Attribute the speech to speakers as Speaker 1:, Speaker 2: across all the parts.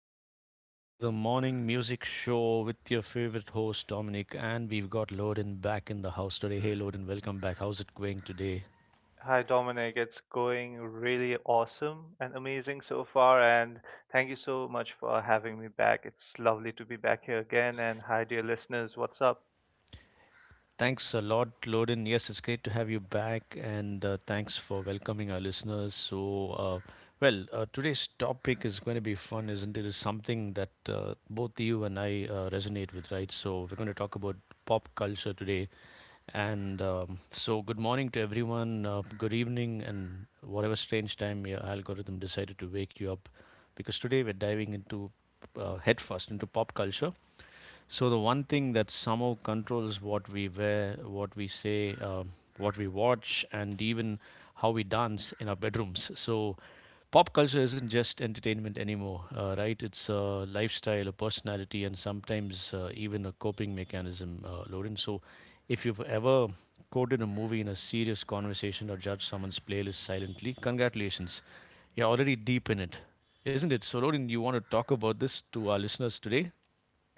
Speaker 1: welcome to the morning music show with your favorite host, Dominic. And we've got Loden back in the house today. Hey, Loden, welcome back. How's it going today?
Speaker 2: Hi, Dominic. It's going really awesome and amazing so far. And thank you so much for having me back. It's lovely to be back here again. And hi, dear listeners. What's up?
Speaker 1: Thanks a lot, Loden. Yes, it's great to have you back. And thanks for welcoming our listeners. So, uh, today's topic is going to be fun, isn't it? It's something that both you and I resonate with, right? So, we're going to talk about pop culture today. Good morning to everyone. Good evening, and whatever strange time your algorithm decided to wake you up, because today we're diving into headfirst into pop culture, so the one thing that somehow controls what we wear, what we say, what we watch, and even how we dance in our bedrooms. So pop culture isn't just entertainment anymore, right? It's a lifestyle, a personality, and sometimes even a coping mechanism, Lorin. So if you've ever quoted a movie in a serious conversation or judged someone's playlist silently, congratulations. You're already deep in it, isn't it? So, Lorin, you want to talk about this to our listeners today?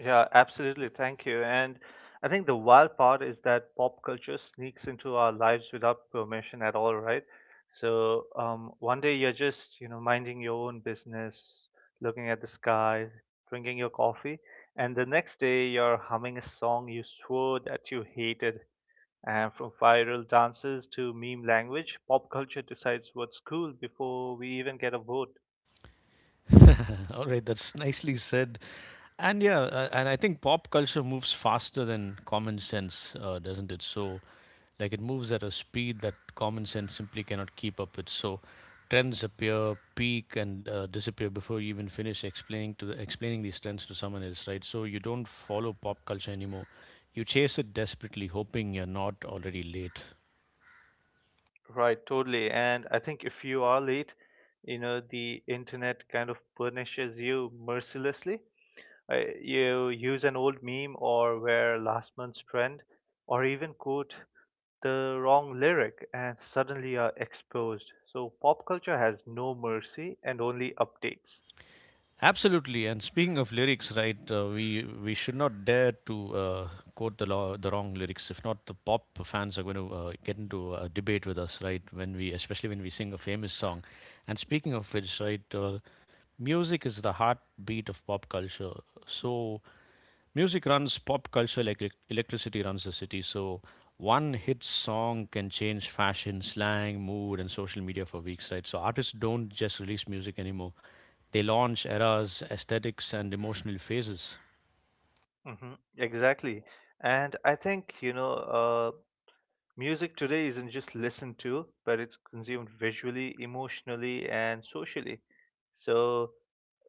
Speaker 2: Yeah, absolutely. Thank you. And I think the wild part is that pop culture sneaks into our lives without permission at all, right? So one day you're just, minding your own business, looking at the sky, drinking your coffee, and the next day you're humming a song you swore that you hated. And from viral dances to meme language, pop culture decides what's cool before we even get a vote.
Speaker 1: All right, that's nicely said. And yeah, and I think pop culture moves faster than common sense, doesn't it? So, like, it moves at a speed that common sense simply cannot keep up with. So, trends appear, peak, and disappear before you even finish explaining these trends to someone else, right? So, you don't follow pop culture anymore. You chase it desperately, hoping you're not already late.
Speaker 2: Right, totally. And I think if you are late, you know, the internet kind of punishes you mercilessly. You use an old meme or wear last month's trend or even quote the wrong lyric and suddenly are exposed. So pop culture has no mercy and only updates.
Speaker 1: Absolutely. And speaking of lyrics, right, we should not dare to quote the wrong lyrics. If not, the pop fans are going to get into a debate with us, right? Especially when we sing a famous song. And speaking of which, right, music is the heartbeat of pop culture. So music runs pop culture like electricity runs the city. So one hit song can change fashion, slang, mood, and social media for weeks, right? So artists don't just release music anymore. They launch eras, aesthetics, and emotional phases.
Speaker 2: Exactly. And I think, music today isn't just listened to, but it's consumed visually, emotionally, and socially. So,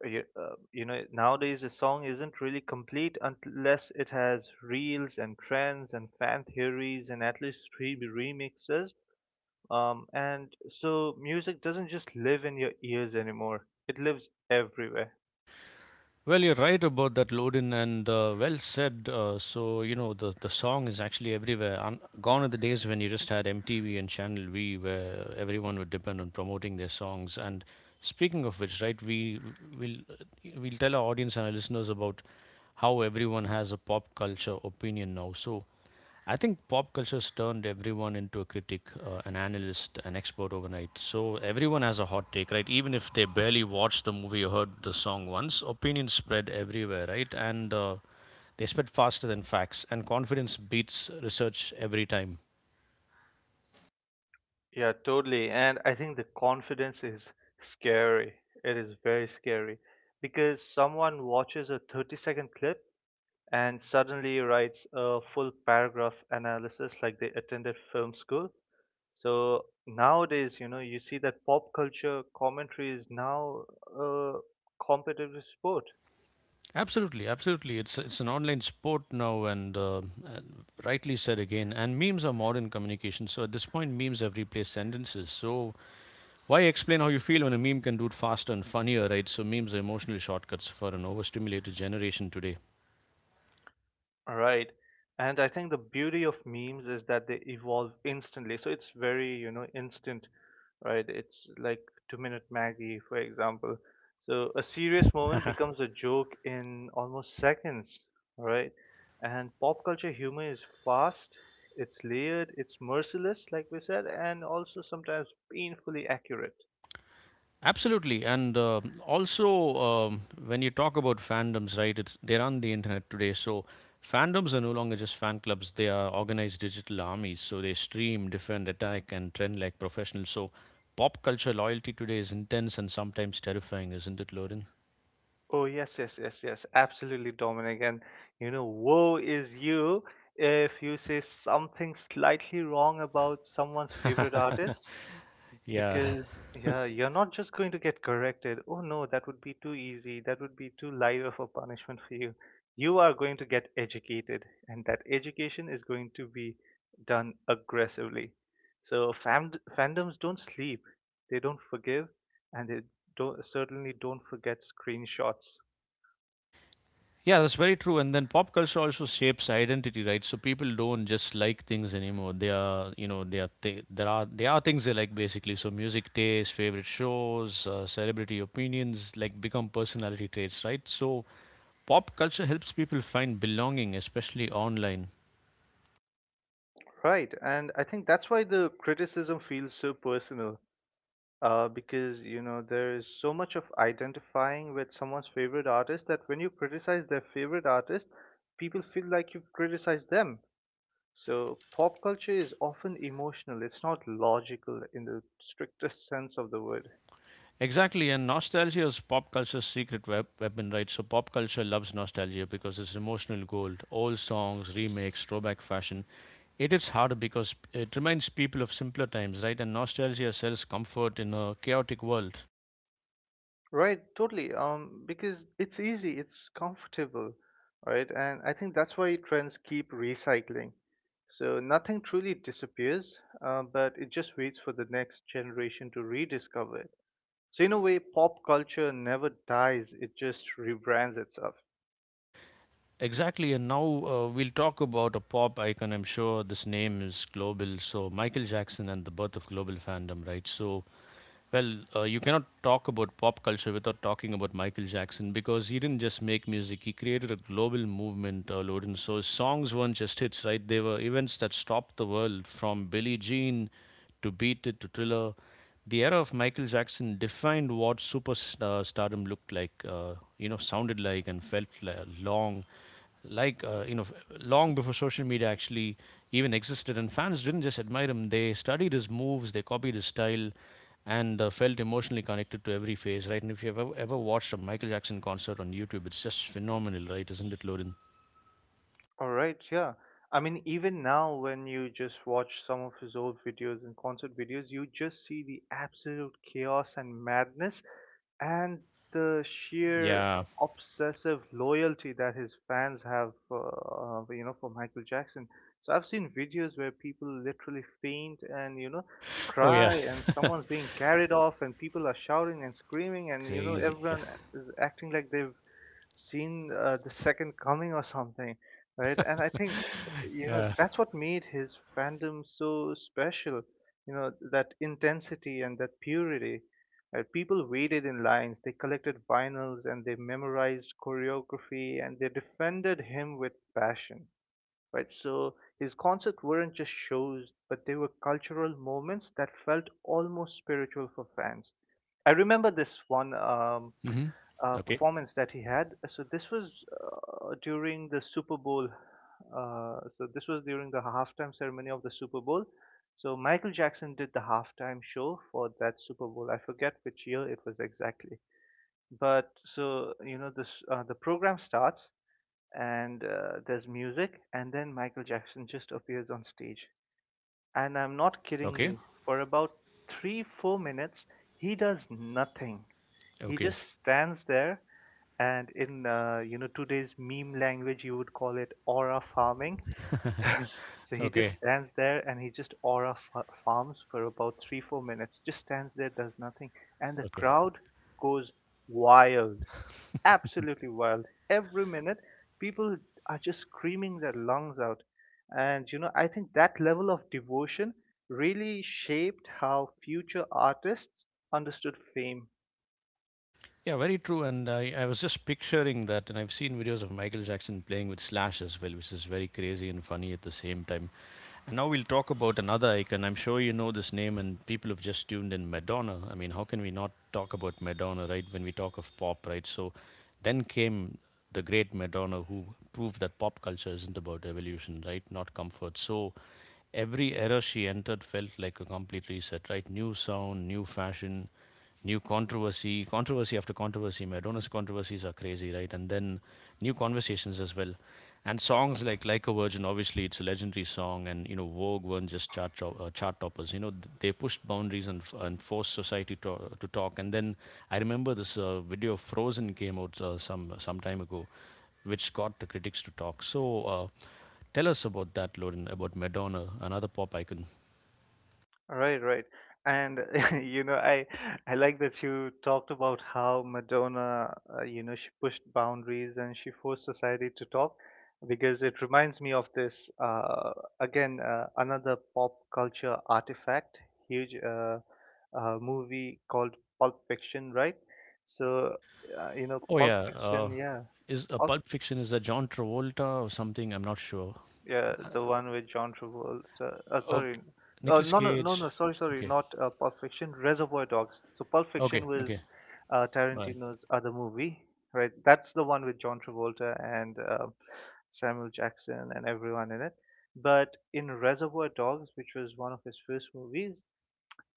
Speaker 2: nowadays a song isn't really complete unless it has reels and trends and fan theories and at least three remixes. And so music doesn't just live in your ears anymore. It lives everywhere.
Speaker 1: Well, you're right about that, Lodin, and well said. So, you know, the song is actually everywhere. Gone are the days when you just had MTV and Channel V, where everyone would depend on promoting their songs. And speaking of which, right, will we'll tell our audience and our listeners about how everyone has a pop culture opinion now. So, I think pop culture's turned everyone into a critic, an analyst, an expert overnight. So everyone has a hot take, right? Even if they barely watched the movie or heard the song once, opinions spread everywhere, right? And they spread faster than facts, and confidence beats research every time.
Speaker 2: Yeah, totally. And I think the confidence is scary. It is very scary because someone watches a 30-second clip and suddenly writes a full paragraph analysis like they attended film school. So nowadays, you know, you see that pop culture commentary is now a competitive sport.
Speaker 1: Absolutely, absolutely. It's an online sport now, and rightly said again. And memes are modern communication. So at this point, memes have replaced sentences. So why explain how you feel when a meme can do it faster and funnier, right? So memes are emotional shortcuts for an overstimulated generation today.
Speaker 2: Right. And I think the beauty of memes is that they evolve instantly. So it's very, you know, instant, right? It's like Two Minute Maggie, for example. So a serious moment becomes a joke in almost seconds, right? And pop culture humor is fast, it's layered, it's merciless, like we said, and also sometimes painfully accurate.
Speaker 1: Absolutely, and also when you talk about fandoms, right? It's They're on the internet today, so fandoms are no longer just fan clubs. They are organized digital armies. So they stream, defend, attack, and trend like professionals. So pop culture loyalty today is intense and sometimes terrifying, isn't it, Lauren?
Speaker 2: Oh, yes, yes, yes, yes, absolutely, Dominic. And you know, woe is you if you say something slightly wrong about someone's favorite artist.
Speaker 1: Yeah.
Speaker 2: Because, yeah, you're not just going to get corrected. Oh no, that would be too easy. That would be too light of a punishment for you. You are going to get educated, and that education is going to be done aggressively. So, fandoms don't sleep, they don't forgive, and they don't, certainly don't forget screenshots.
Speaker 1: Yeah, that's very true. And then pop culture also shapes identity, right? So people don't just like things anymore. They are, you know, they are th- there are There are things they like basically. So music taste, favorite shows, celebrity opinions, like, become personality traits, right? So pop culture helps people find belonging, especially online.
Speaker 2: Right, and I think that's why the criticism feels so personal, because you know there is so much of identifying with someone's favorite artist that when you criticize their favorite artist, people feel like you criticize them. So pop culture is often emotional. It's not logical in the strictest sense of the word.
Speaker 1: Exactly, and nostalgia is pop culture's secret weapon, right? So pop culture loves nostalgia because it's emotional gold. Old songs, remakes, throwback fashion. It is harder because it reminds people of simpler times, right? And nostalgia sells comfort in a chaotic world.
Speaker 2: Right, totally. Because it's easy, it's comfortable, right? And I think that's why trends keep recycling. So nothing truly disappears, but it just waits for the next generation to rediscover it. So in a way, pop culture never dies; it just rebrands itself.
Speaker 1: Exactly. And now we'll talk about a pop icon. I'm sure this name is global. So, Michael Jackson and the birth of global fandom, right? So, well, you cannot talk about pop culture without talking about Michael Jackson because he didn't just make music, he created a global movement, Loden. So his songs weren't just hits, right? They were events that stopped the world, from Billie Jean to Beat It to Thriller. The era of Michael Jackson defined what super stardom looked like, you know, sounded like, and felt like long like you know long before social media actually even existed. And fans didn't just admire him, they studied his moves, they copied his style, and felt emotionally connected to every phase, right? And if you've ever, ever watched a Michael Jackson concert on YouTube, it's just phenomenal, right? Isn't it, Lorin?
Speaker 2: All right, yeah. I mean, even now, when you just watch some of his old videos and concert videos, you just see the absolute chaos and madness and the sheer
Speaker 1: Yeah.
Speaker 2: obsessive loyalty that his fans have, you know, for Michael Jackson. So I've seen videos where people literally faint and, you know,
Speaker 1: Oh yeah.
Speaker 2: cry and someone's being carried off and people are shouting and screaming and, you know,
Speaker 1: Crazy, yeah.
Speaker 2: everyone is acting like they've seen the second coming or something, right? And I think you know
Speaker 1: Yeah.
Speaker 2: that's what made his fandom so special. You know, that intensity and that purity. People waited in lines, they collected vinyls, and they memorized choreography, and they defended him with passion, right? So his concerts weren't just shows, but they were cultural moments that felt almost spiritual for fans. I remember this one um,
Speaker 1: Mm-hmm.
Speaker 2: uh,
Speaker 1: Okay.
Speaker 2: performance that he had. So this was during the Super Bowl. So this was during the halftime ceremony of the Super Bowl. So Michael Jackson did the halftime show for that Super Bowl. I forget which year it was exactly. But so you know the program starts, and there's music, and then Michael Jackson just appears on stage. And I'm not kidding
Speaker 1: Okay.
Speaker 2: you, for about 3, 4 minutes, he does nothing. He
Speaker 1: Okay.
Speaker 2: just stands there, and in you know today's meme language, you would call it aura farming. So he just
Speaker 1: Okay.
Speaker 2: stands there and he just farms for about 3, 4 minutes. Just stands there, does nothing, and the
Speaker 1: Okay.
Speaker 2: crowd goes wild, absolutely wild. Every minute, people are just screaming their lungs out. And you know, I think that level of devotion really shaped how future artists understood fame.
Speaker 1: Yeah, very true. And I was just picturing that, and I've seen videos of Michael Jackson playing with Slash as well, which is very crazy and funny at the same time. And now we'll talk about another icon. I'm sure you know this name, and people have just tuned in. Madonna. I mean, how can we not talk about Madonna, right? When we talk of pop, right? So then came the great Madonna, who proved that pop culture isn't about evolution, right? Not comfort. So every era she entered felt like a complete reset, right? New sound, new fashion, new controversy, controversy after controversy. Madonna's controversies are crazy, right? And then new conversations as well. And songs like a Virgin, obviously, it's a legendary song. And, you know, Vogue weren't just chart toppers. You know, they pushed boundaries and, and forced society to talk. And then I remember this video of Frozen came out some time ago, which got the critics to talk. So tell us about that, Lauren, about Madonna, another pop icon.
Speaker 2: Right, right. And you know, I like that you talked about how Madonna, you know, she pushed boundaries and she forced society to talk because it reminds me of this again another pop culture artifact, huge movie called Pulp Fiction, right? So, you know,
Speaker 1: Oh
Speaker 2: Pulp
Speaker 1: yeah,
Speaker 2: Fiction, yeah.
Speaker 1: is a
Speaker 2: Pulp
Speaker 1: Pulp Fiction is a John Travolta or something? I'm not sure.
Speaker 2: Yeah, the one with John Travolta.
Speaker 1: Okay,
Speaker 2: Sorry,
Speaker 1: Nicolas
Speaker 2: no, no, no,
Speaker 1: Cage.
Speaker 2: no. Sorry, sorry,
Speaker 1: Okay,
Speaker 2: not Pulp Fiction. Reservoir Dogs. So Pulp Fiction
Speaker 1: okay, okay.
Speaker 2: was
Speaker 1: All right.
Speaker 2: Tarantino's other movie, right? That's the one with John Travolta and Samuel Jackson and everyone in it. But in Reservoir Dogs, which was one of his first movies,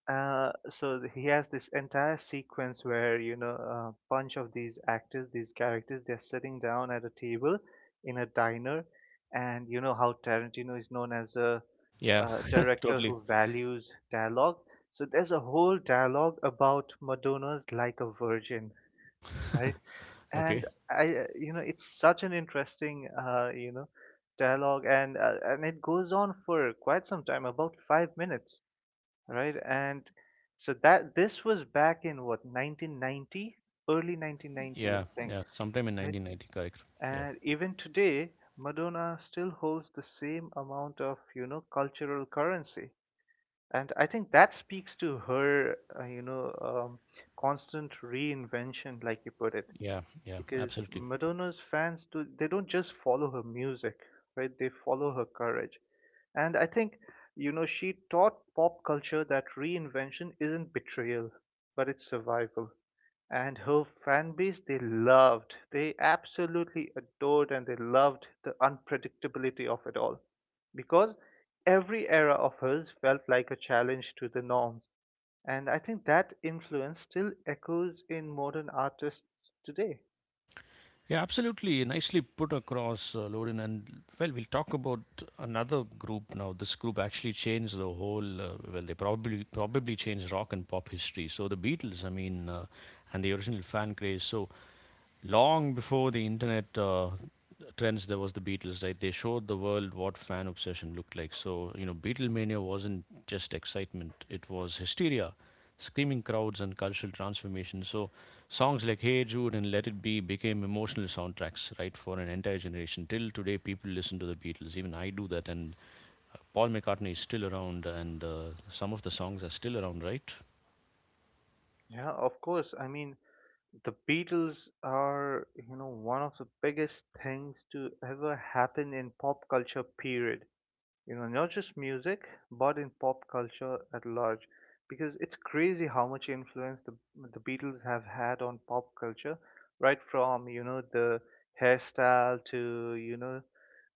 Speaker 2: he has this entire sequence where you know a bunch of these actors, these characters, they're sitting down at a table in a diner, and you know how Tarantino is known as a,
Speaker 1: Yeah,
Speaker 2: uh director
Speaker 1: totally.
Speaker 2: who values dialogue. So there's a whole dialogue about Madonna's "Like a Virgin," right? And
Speaker 1: Okay.
Speaker 2: you know, it's such an interesting, dialogue, and and it goes on for quite some time, about 5 minutes, right? And so that this was back in what 1990, early 1990, I
Speaker 1: Yeah,
Speaker 2: think,
Speaker 1: yeah. Sometime in
Speaker 2: right?
Speaker 1: 1990, correct. Yeah,
Speaker 2: And even today, Madonna still holds the same amount of you know cultural currency, and I think that speaks to her constant reinvention, like you put it,
Speaker 1: yeah, yeah.
Speaker 2: because
Speaker 1: Absolutely.
Speaker 2: Madonna's fans do, they don't just follow her music, right? They follow her courage. And I think, you know, she taught pop culture that reinvention isn't betrayal, but it's survival. And her fan base, they loved, they absolutely adored and they loved the unpredictability of it all. Because every era of hers felt like a challenge to the norms. And I think that influence still echoes in modern artists today.
Speaker 1: Yeah, absolutely. Nicely put across, Lorin. And well, we'll talk about another group now. This group actually changed the whole. Well, they probably changed rock and pop history. So the Beatles, I mean, and the original fan craze. So long before the internet trends, there was the Beatles, right? They showed the world what fan obsession looked like. So you know, Beatlemania wasn't just excitement; it was hysteria, screaming crowds, and cultural transformation. So, songs like Hey Jude and Let It Be became emotional soundtracks, right, for an entire generation. Till today, people listen to the Beatles. Even I do that. And Paul McCartney is still around, and some of the songs are still around, right?
Speaker 2: Yeah, of course. I mean, the Beatles are, you know, one of the biggest things to ever happen in pop culture, period. You know, not just music, but in pop culture at large. Because it's crazy how much influence the Beatles have had on pop culture, right from, you know, the hairstyle to, you know,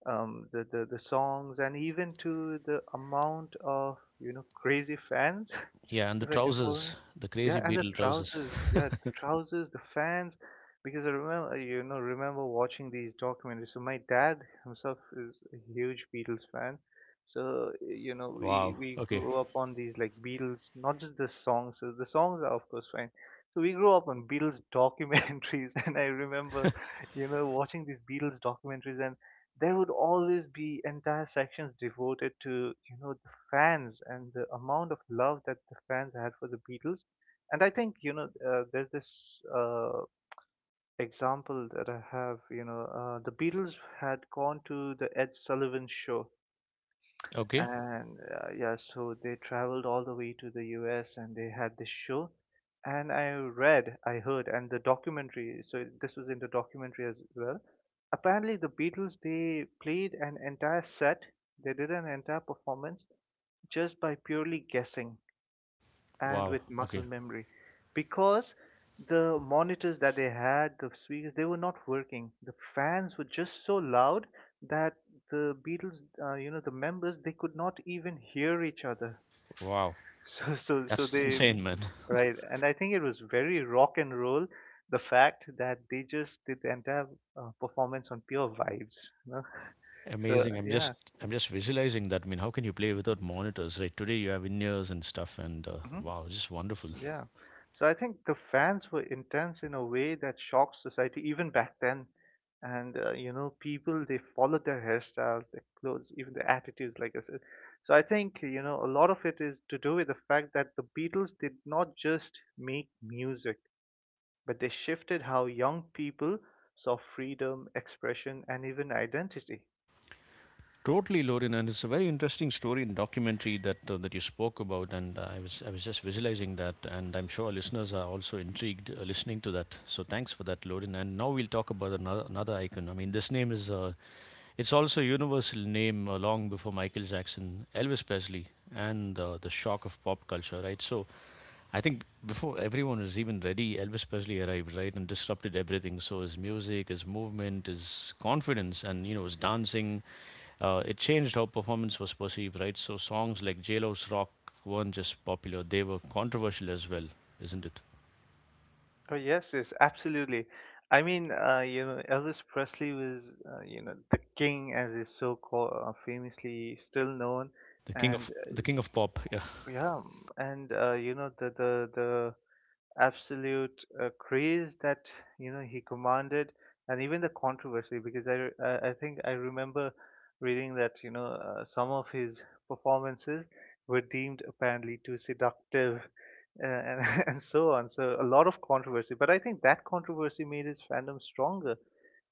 Speaker 2: um, the, the, the songs and even to the amount of, you know, crazy fans
Speaker 1: Yeah, and the
Speaker 2: if I can call
Speaker 1: trousers,
Speaker 2: them.
Speaker 1: the
Speaker 2: Yeah,
Speaker 1: crazy
Speaker 2: and the
Speaker 1: Beatle trousers.
Speaker 2: trousers. Yeah, the trousers, the fans. Because I remember, you know, remember watching these documentaries. So my dad himself is a huge Beatles fan. So you know, we
Speaker 1: Wow.
Speaker 2: we
Speaker 1: Okay.
Speaker 2: grew up on these like Beatles, not just the songs. So the songs are of course fine. So we grew up on Beatles documentaries, and I remember, you know, watching these Beatles documentaries and there would always be entire sections devoted to you know the fans and the amount of love that the fans had for the Beatles. And I think you know there's this example that I have. You know, the Beatles had gone to the Ed Sullivan show,
Speaker 1: Okay.
Speaker 2: and yeah, so they traveled all the way to the US and they had this show and I heard and the documentary, so this was in the documentary as well. Apparently the Beatles, they played an entire set, they did an entire performance just by purely guessing and
Speaker 1: Wow.
Speaker 2: with muscle
Speaker 1: Okay.
Speaker 2: memory, because the monitors that they had, the speakers, they were not working, the fans were just so loud that the Beatles, you know, the members, they could not even hear each other.
Speaker 1: Wow.
Speaker 2: so so so
Speaker 1: That's
Speaker 2: they
Speaker 1: insane, man.
Speaker 2: Right, and I think it was very rock and roll, the fact that they just did the entire performance on pure vibes, you know. so
Speaker 1: Amazing.
Speaker 2: yeah
Speaker 1: I'm just visualizing that. I mean, how can you play without monitors, right? Today you have in-ears and stuff, and
Speaker 2: mm-hmm.
Speaker 1: wow, it's just wonderful.
Speaker 2: Yeah. So I think the fans were intense in a way that shocked society even back then. And you know, people, they followed their hairstyles, their clothes, even their attitudes, like I said. So I think you know a lot of it is to do with the fact that the Beatles did not just make music, but they shifted how young people saw freedom, expression, and even identity.
Speaker 1: Totally, Lauren, and it's a very interesting story and documentary that that you spoke about, and I was just visualizing that, and I'm sure our listeners are also intrigued listening to that. So thanks for that, Lauren. And now we'll talk about another icon. I mean, this name is it's also a universal name, long before Michael Jackson, Elvis Presley, and the shock of pop culture, right? So I think before everyone was even ready, Elvis Presley arrived, right, and disrupted everything. So his music, his movement, his confidence, and you know his dancing, it changed how performance was perceived, right? So songs like J Lo's Rock weren't just popular; they were controversial as well, isn't it?
Speaker 2: Oh yes, yes, absolutely. I mean, Elvis Presley was, the king, as is so called, famously still known, and
Speaker 1: The king of pop. Yeah.
Speaker 2: uh, yeah, and you know, the absolute craze that you know he commanded, and even the controversy. Because I think I remember reading that you know some of his performances were deemed apparently too seductive. And, and so on. So a lot of controversy, but I think that controversy made his fandom stronger,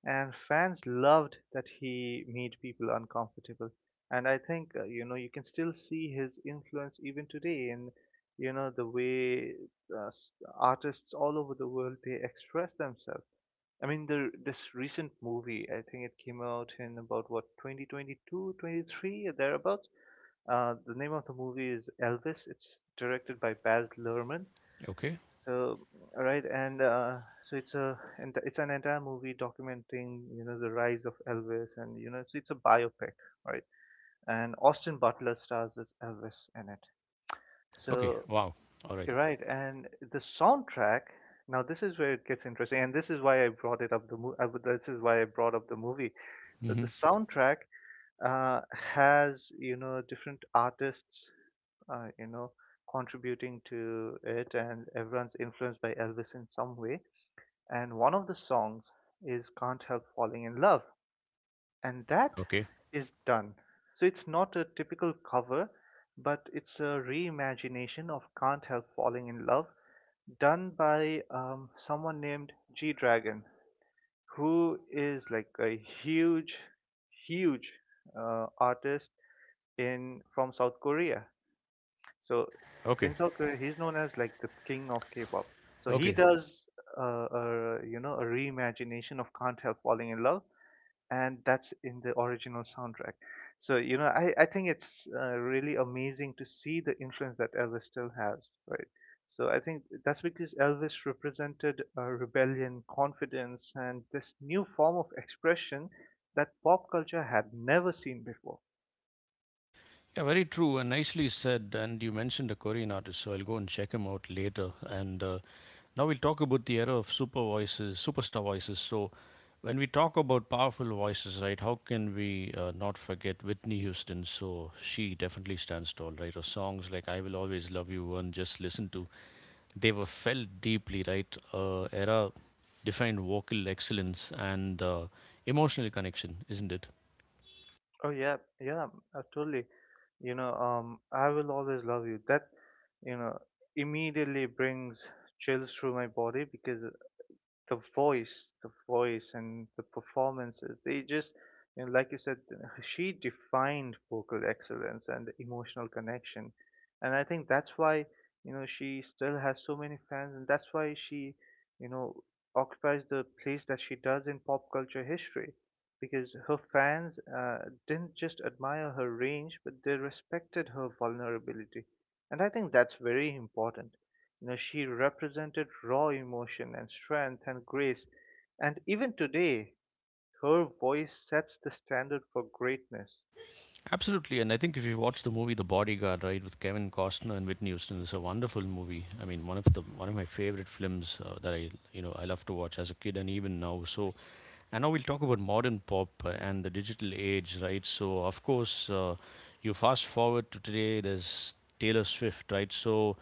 Speaker 2: and fans loved that he made people uncomfortable. And I think you know you can still see his influence even today in you know the way uh, s- artists all over the world they express themselves. I mean, the this recent movie, I think it came out in about what 2022, 23, or thereabouts. The name of the movie is Elvis. It's directed by Baz Luhrmann.
Speaker 1: Okay.
Speaker 2: So, all right, and so it's a and it's an entire movie documenting you know the rise of Elvis, and you know so it's a biopic, right? And Austin Butler stars as Elvis in it.
Speaker 1: Okay.
Speaker 2: So
Speaker 1: Wow. All right.
Speaker 2: you're right. And the soundtrack, now this is where it gets interesting, and this is why I brought it up the mo- I, would- this is why I brought up the movie. So
Speaker 1: Mm-hmm.
Speaker 2: the soundtrack has, you know, different artists, uh, you know, contributing to it, and everyone's influenced by Elvis in some way. And one of the songs is Can't Help Falling in Love, and that
Speaker 1: Okay.
Speaker 2: is done. So it's not a typical cover, but it's a reimagination of Can't Help Falling in Love done by someone named G Dragon, who is like a huge, huge artist in from South Korea. So
Speaker 1: Okay.
Speaker 2: in South Korea, he's known as like the king of K-pop. So he
Speaker 1: Okay.
Speaker 2: does a you know a reimagination of "Can't Help Falling in Love," and that's in the original soundtrack. So, you know, I think it's really amazing to see the influence that Elvis still has, right? So I think that's because Elvis represented rebellion, confidence, and this new form of expression that pop culture had never seen before.
Speaker 1: Yeah, very true and nicely said. And you mentioned a Korean artist, so I'll go and check him out later. And now we'll talk about the era of super voices, superstar voices. So, when we talk about powerful voices, right? How can we not forget Whitney Houston? So she definitely stands tall, right? Or songs like "I Will Always Love You" and "Just Listen to," they were felt deeply, right? Era defined vocal excellence and emotional connection, isn't it?
Speaker 2: Oh yeah, yeah, totally. You know, I will always love you. That, you know, immediately brings chills through my body because the voice and the performances. They just, you know, like you said, she defined vocal excellence and emotional connection, and I think that's why you know she still has so many fans, and that's why she, you know, occupies the place that she does in pop culture history. Because her fans didn't just admire her range, but they respected her vulnerability. And I think that's very important. You know, she represented raw emotion and strength and grace. And even today, her voice sets the standard for greatness.
Speaker 1: Absolutely, and I think if you watch the movie The Bodyguard, right, with Kevin Costner and Whitney Houston, it's a wonderful movie. I mean, one of my favorite films that I you know I love to watch as a kid and even now. So, and now we'll talk about modern pop and the digital age, right? So, of course, you fast forward to today. There's Taylor Swift, right? So,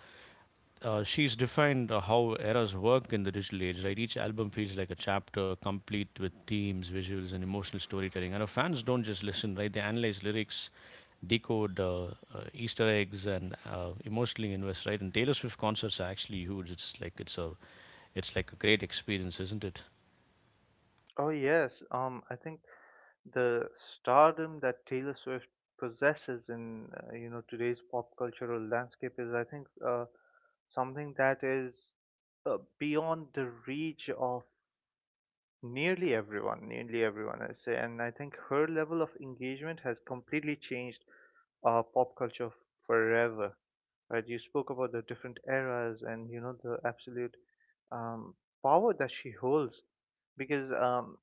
Speaker 1: she's defined how eras work in the digital age, right? Each album feels like a chapter, complete with themes, visuals, and emotional storytelling. And our fans don't just listen, right? They analyze lyrics, decode Easter eggs and emotionally invest, right? And Taylor Swift concerts are actually huge. It's like a great experience, isn't it?
Speaker 2: Oh yes, I think the stardom that Taylor Swift possesses in you know today's pop cultural landscape is, I think, something that is beyond the reach of Nearly everyone, I say, and I think her level of engagement has completely changed pop culture forever, right? You spoke about the different eras and you know the absolute um, power that she holds, because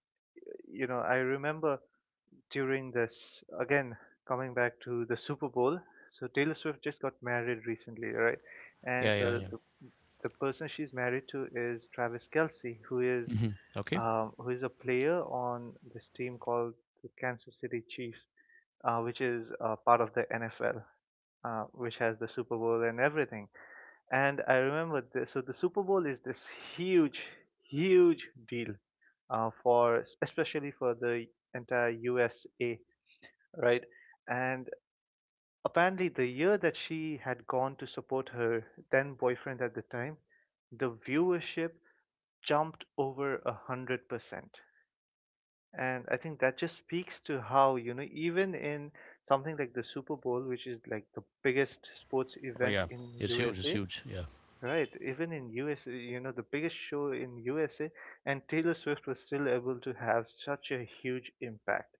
Speaker 2: you know I remember during this again coming back to the Super Bowl. So Taylor Swift just got married recently, right? And
Speaker 1: Yeah, yeah,
Speaker 2: so
Speaker 1: yeah.
Speaker 2: the person she's married to is Travis Kelsey,
Speaker 1: Hmm. Okay.
Speaker 2: who is a player on this team called the Kansas City Chiefs, which is part of the NFL, which has the Super Bowl and everything. And I remember this. So the Super Bowl is this huge, huge deal for especially for the entire USA, right? And apparently, the year that she had gone to support her then boyfriend at the time, the viewership jumped over 100%. And I think that just speaks to how, you know, even in something like the Super Bowl, which is like the biggest sports
Speaker 1: Oh
Speaker 2: event
Speaker 1: yeah,
Speaker 2: in
Speaker 1: it's huge. It's
Speaker 2: USA,
Speaker 1: huge. Yeah,
Speaker 2: right, even in USA, you know, the biggest show in USA, and Taylor Swift was still able to have such a huge impact.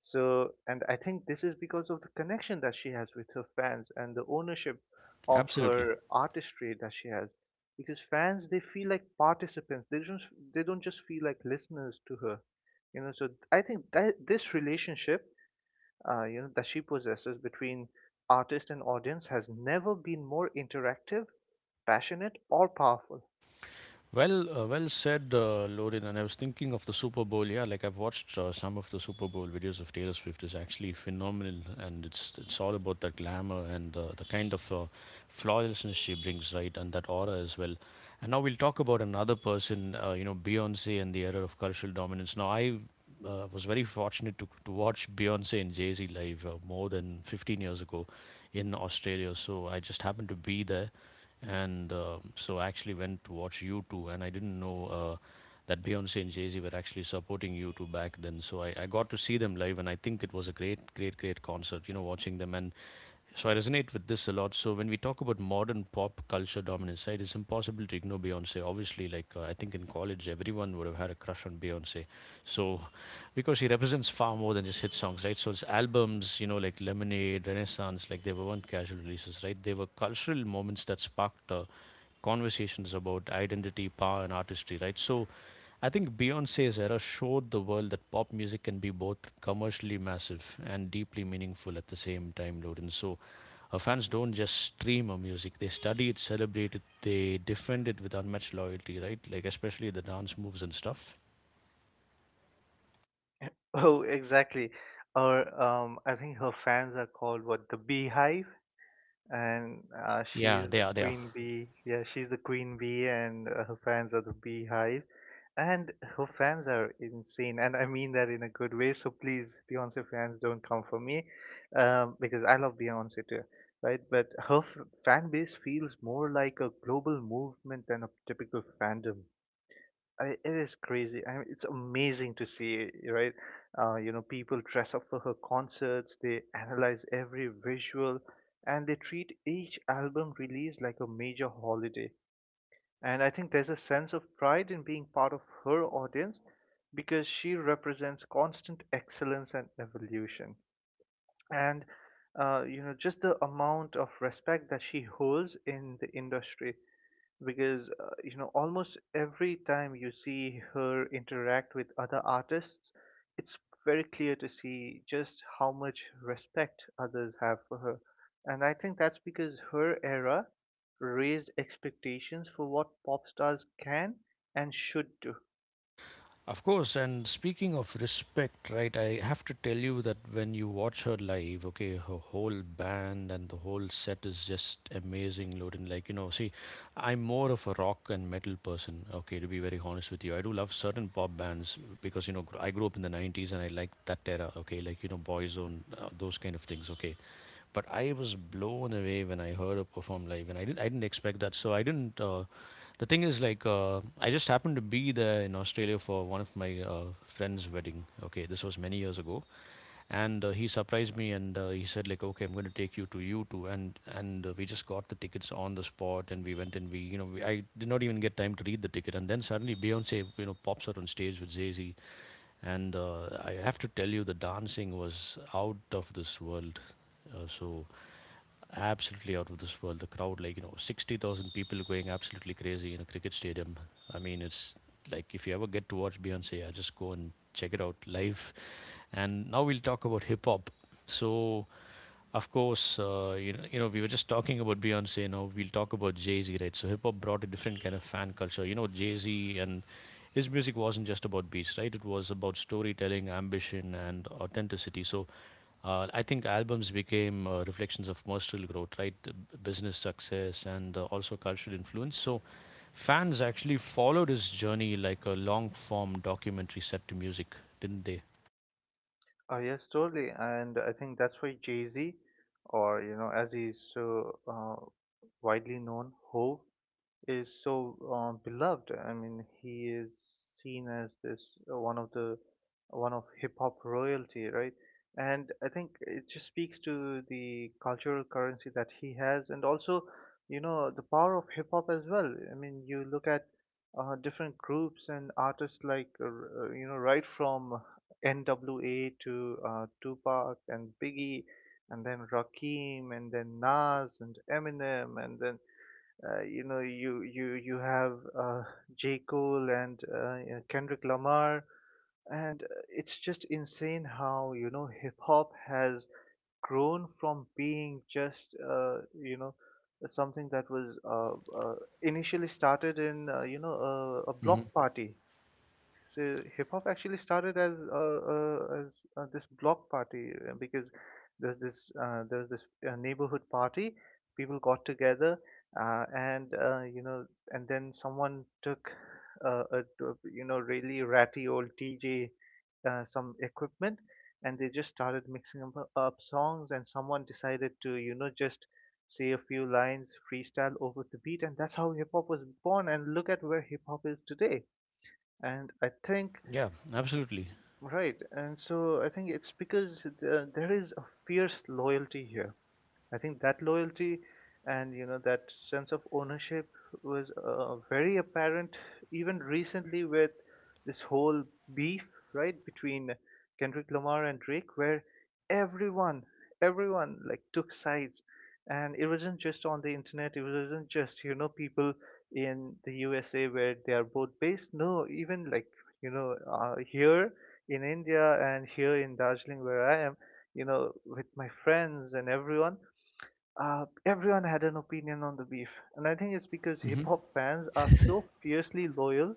Speaker 2: So, and I think this is because of the connection that she has with her fans and the ownership of
Speaker 1: absolutely.
Speaker 2: her artistry that she has. Because fans, they feel like participants. They don't just feel like listeners to her. You know, so I think that this relationship you know that she possesses between artist and audience has never been more interactive, passionate, or powerful.
Speaker 1: Well, well said, Lorin. And I was thinking of the Super Bowl. Yeah, like I've watched some of the Super Bowl videos of Taylor Swift. Is actually phenomenal, and it's all about that glamour and the kind of flawlessness she brings, right, and that aura as well. And now we'll talk about another person, you know, Beyonce and the era of cultural dominance. Now I was very fortunate to watch Beyonce and Jay Z live more than 15 years ago in Australia. So I just happened to be there and so I actually went to watch U2, and I didn't know that Beyonce and Jay Z were actually supporting U2 back then. So I got to see them live, and I think it was a great, great, great concert. You know, watching them, and so I resonate with this a lot. So when we talk about modern pop culture dominance, right, it's impossible to ignore Beyonce. Obviously, like I think in college, everyone would have had a crush on Beyonce. So, because he represents far more than just hit songs, right? So his albums, you know, like Lemonade, Renaissance, like they weren't casual releases, right? They were cultural moments that sparked conversations about identity, power, and artistry, right? So, I think Beyonce's era showed the world that pop music can be both commercially massive and deeply meaningful at the same time, Loden. So her fans don't just stream her music; they study it, celebrate it, they defend it with unmatched loyalty, right? Like especially the dance moves and stuff.
Speaker 2: Oh, exactly. Or I think her fans are called what the Beehive, and
Speaker 1: Yeah,
Speaker 2: she's
Speaker 1: they
Speaker 2: the
Speaker 1: are they are
Speaker 2: queen bee. Yeah, she's the queen bee, and her fans are the beehive. And her fans are insane, and I mean that in a good way. So please, Beyonce fans, don't come for me, because I love Beyonce too, right? But her fan base feels more like a global movement than a typical fandom. It is crazy. I mean, it's amazing to see, right? You know, people dress up for her concerts, they analyze every visual, and they treat each album release like a major holiday. And I think there's a sense of pride in being part of her audience because she represents constant excellence and evolution. And, you know, just the amount of respect that she holds in the industry because you know almost every time you see her interact with other artists it's very clear to see just how much respect others have for her, and I think that's because her era raised expectations for what pop stars can and should do.
Speaker 1: Of course, and speaking of respect, right, I have to tell you that when you watch her live, okay, her whole band and the whole set is just amazing, Loden. Like, you know, see, I'm more of a rock and metal person, okay, to be very honest with you. I do love certain pop bands because, you know, I grew up in the 90s and I like that era, okay, like, you know, Boyzone, those kind of things, okay. But I was blown away when I heard her perform live, and I didn't expect that. So I didn't. The thing is, like, I just happened to be there in Australia for one of my friend's wedding. Okay, this was many years ago, and he surprised me, and he said, like, okay, I'm going to take you to you too, and we just got the tickets on the spot, and we went and we, you know, we, I did not even get time to read the ticket, and then suddenly Beyonce, you know, pops out on stage with Jay Z, and I have to tell you, the dancing was out of this world. So absolutely out of this world. The crowd, like you know, 60,000 people going absolutely crazy in a cricket stadium. I mean, it's like if you ever get to watch Beyonce, I just go and check it out live. And now we'll talk about hip hop. So of course, you know, we were just talking about Beyonce. Now we'll talk about Jay Z, right? So hip hop brought a different kind of fan culture. You know, Jay Z and his music wasn't just about beats, right? It was about storytelling, ambition, and authenticity. So I think albums became reflections of personal growth, right? Business success and also cultural influence. So fans actually followed his journey like a long form documentary set to music, didn't they?
Speaker 2: Oh yes, totally, and I think that's why Jay-Z, or you know as he's so widely known ho, is so beloved. I mean, he is seen as this one of the one of hip hop royalty, right? And I think it just speaks to the cultural currency that he has, and also, you know, the power of hip hop as well. I mean, you look at different groups and artists like, you know, right from N.W.A. to Tupac and Biggie, and then Rakim, and then Nas and Eminem, and then you know you have uh, J Cole and you know, Kendrick Lamar, and it's just insane how you know hip hop has grown from being just you know something that was initially started in you know a
Speaker 1: Hmm.
Speaker 2: block party. So hip hop actually started as this block party because there's this neighborhood party. People got together, and you know, and then someone took you know really ratty old DJ, some equipment, and they just started up songs. And someone decided to you know just say a few lines, freestyle over the beat, and that's how hip hop was born. And look at where hip hop is today. And I think,
Speaker 1: Yeah, absolutely.
Speaker 2: right, and so I think it's because there is a fierce loyalty here. I think that loyalty and you know that sense of ownership was very apparent even recently with this whole beef, right, between Kendrick Lamar and Drake, where everyone, everyone like took sides, and it wasn't just on the internet. It wasn't just you know people in the USA where they are both based. No, even like you know here in India and here in Darjeeling where I am, you know, with my friends and everyone everyone had an opinion on the beef, and I think it's because hip
Speaker 1: Hmm.
Speaker 2: hop fans are so fiercely loyal,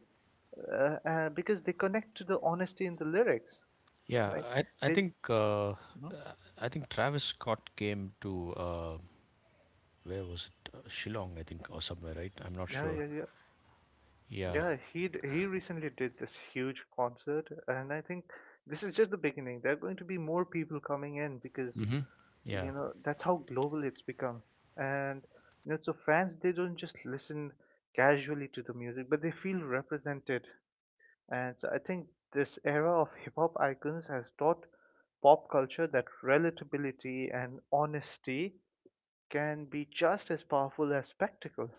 Speaker 2: because they connect to the honesty in the lyrics,
Speaker 1: Yeah,
Speaker 2: right?
Speaker 1: I
Speaker 2: They,
Speaker 1: think
Speaker 2: hmm?
Speaker 1: I think Travis Scott came to uh, where was it? Shillong, I think, or somewhere, right? I'm not
Speaker 2: yeah,
Speaker 1: sure.
Speaker 2: yeah, yeah,
Speaker 1: Yeah,
Speaker 2: yeah. He recently did this huge concert, and I think this is just the beginning. There are going to be more people coming in because
Speaker 1: hmm, yeah.
Speaker 2: you know that's how global it's become, and you know so fans they don't just listen casually to the music, but they feel represented. And I think this era of hip hop icons has taught pop culture that relatability and honesty can be just as powerful as spectacle.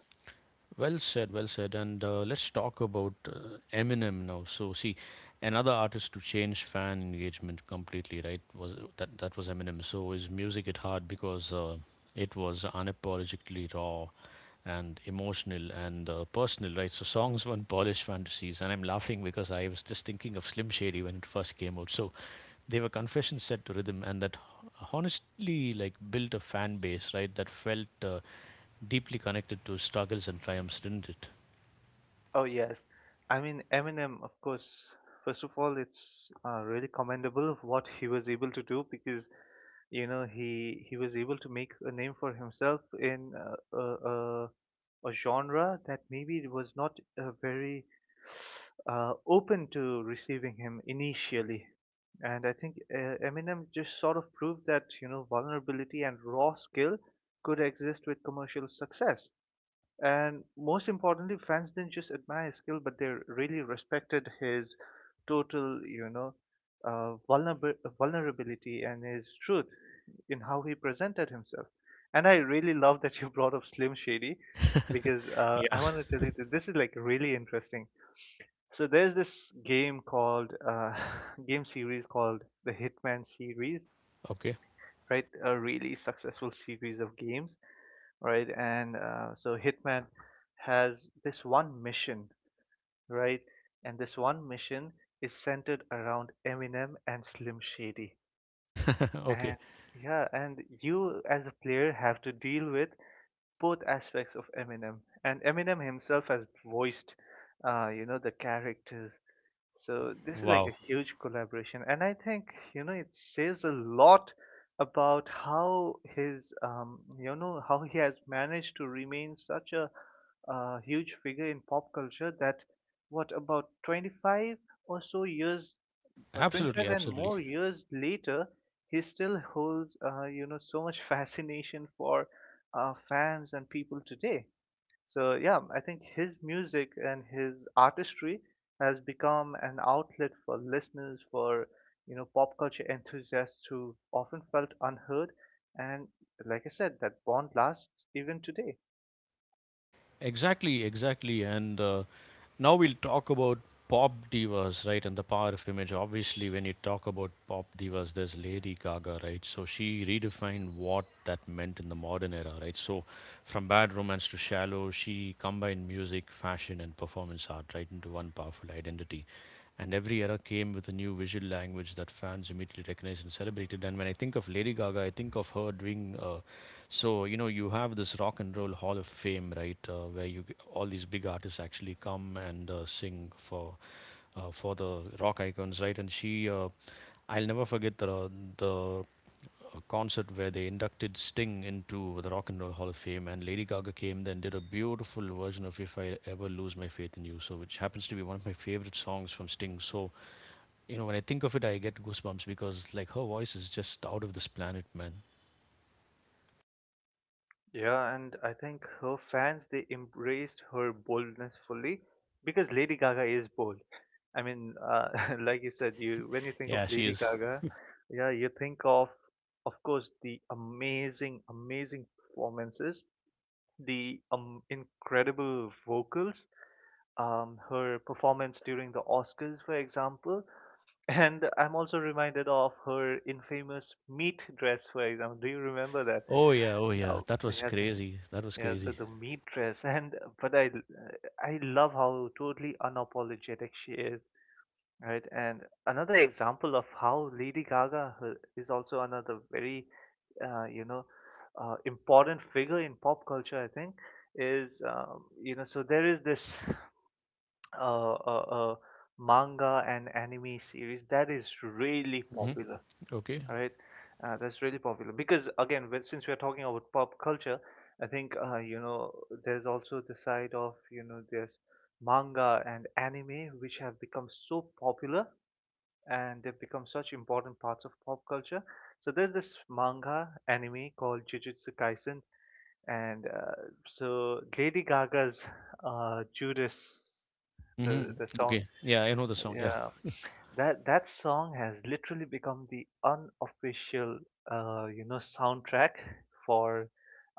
Speaker 1: Well said, well said. And let's talk about Eminem now. So, see, another artist to change fan engagement completely, right? Was that that was Eminem? So his music hit hard because it was unapologetically raw and emotional and personal, right? So songs weren't polished fantasies, and I'm laughing because I was just thinking of Slim Shady when it first came out. So they were confessions set to rhythm, and that honestly like built a fan base, right? That felt deeply connected to struggles and triumphs, didn't it?
Speaker 2: Oh yes, I mean Eminem, of course. First of all, it's really commendable of what he was able to do because you know he was able to make a name for himself in a genre that maybe it was not very open to receiving him initially. And I think Eminem just sort of proved that you know vulnerability and raw skill could exist with commercial success. And most importantly, fans didn't just admire his skill, but they really respected his total, you know, vulnerability and his truth in how he presented himself. And I really love that you brought up Slim Shady because
Speaker 1: Yeah.
Speaker 2: I want to tell you that this is like really interesting. So there's this game called game series called the Hitman series,
Speaker 1: Okay.
Speaker 2: right? A really successful series of games, right? And so Hitman has this one mission, right? And this one mission is centered around Eminem and Slim Shady. And
Speaker 1: Okay.
Speaker 2: yeah, and you as a player have to deal with both aspects of Eminem. And Eminem himself has voiced, the characters, so this is like
Speaker 1: Wow.
Speaker 2: a huge collaboration, and I think you know it says a lot about how his you know how he has managed to remain such a huge figure in pop culture that what, about 25 or so years,
Speaker 1: Absolutely.
Speaker 2: 25 and
Speaker 1: Absolutely.
Speaker 2: more years later, he still holds you know so much fascination for fans and people today. So yeah, I think his music and his artistry has become an outlet for listeners, for you know, pop culture enthusiasts who often felt unheard, and like I said, that bond lasts even today.
Speaker 1: Exactly. Exactly. And now we'll talk about pop divas, right, and the power of image. Obviously, when you talk about pop divas, there's Lady Gaga, right? So she redefined what that meant in the modern era, right? So from bad romance to shallow, she combined music, fashion, and performance art, right, into one powerful identity. And every era came with a new visual language that fans immediately recognized and celebrated. And when I think of Lady Gaga, I think of her doing so, you know, you have this Rock and Roll Hall of Fame, right, where you all these big artists actually come and sing for the rock icons, right? And I'll never forget the concert where they inducted Sting into the Rock and Roll Hall of Fame, and Lady Gaga came then did a beautiful version of "If I Ever Lose My Faith in You," so which happens to be one of my favorite songs from Sting. So, you know, when I think of it, I get goosebumps because like her voice is just out of this planet, man.
Speaker 2: Yeah, and I think her fans they embraced her boldness fully because Lady Gaga is bold. I mean, like you said, you when you think of
Speaker 1: Yeah, she
Speaker 2: Lady
Speaker 1: is.
Speaker 2: Gaga, yeah, you think of course, the amazing, amazing performances, the incredible vocals, her performance during the Oscars, for example. And I'm also reminded of her infamous meat dress, for example. Do you remember that?
Speaker 1: Oh yeah, oh
Speaker 2: Yeah,
Speaker 1: yeah, that was
Speaker 2: yeah,
Speaker 1: crazy. That was
Speaker 2: yeah. So
Speaker 1: crazy.
Speaker 2: the meat dress, and I love how totally unapologetic she is, right? And another example of how Lady Gaga is also another very, uh, you know, important figure in pop culture, I think, is you know so there is this uh, uh, uh, manga and anime series that is really
Speaker 1: Hmm.
Speaker 2: popular,
Speaker 1: Okay.
Speaker 2: right? That's really popular because again, since we are talking about pop culture, I think you know there's also the side of you know there's manga and anime which have become so popular and they've become such important parts of pop culture, so there's this manga anime called Jujutsu Kaisen and so Lady Gaga's Judas,
Speaker 1: Hmm.
Speaker 2: the song,
Speaker 1: Okay. Yeah, I know the song. Yeah.
Speaker 2: yeah, that song has literally become the unofficial, soundtrack for,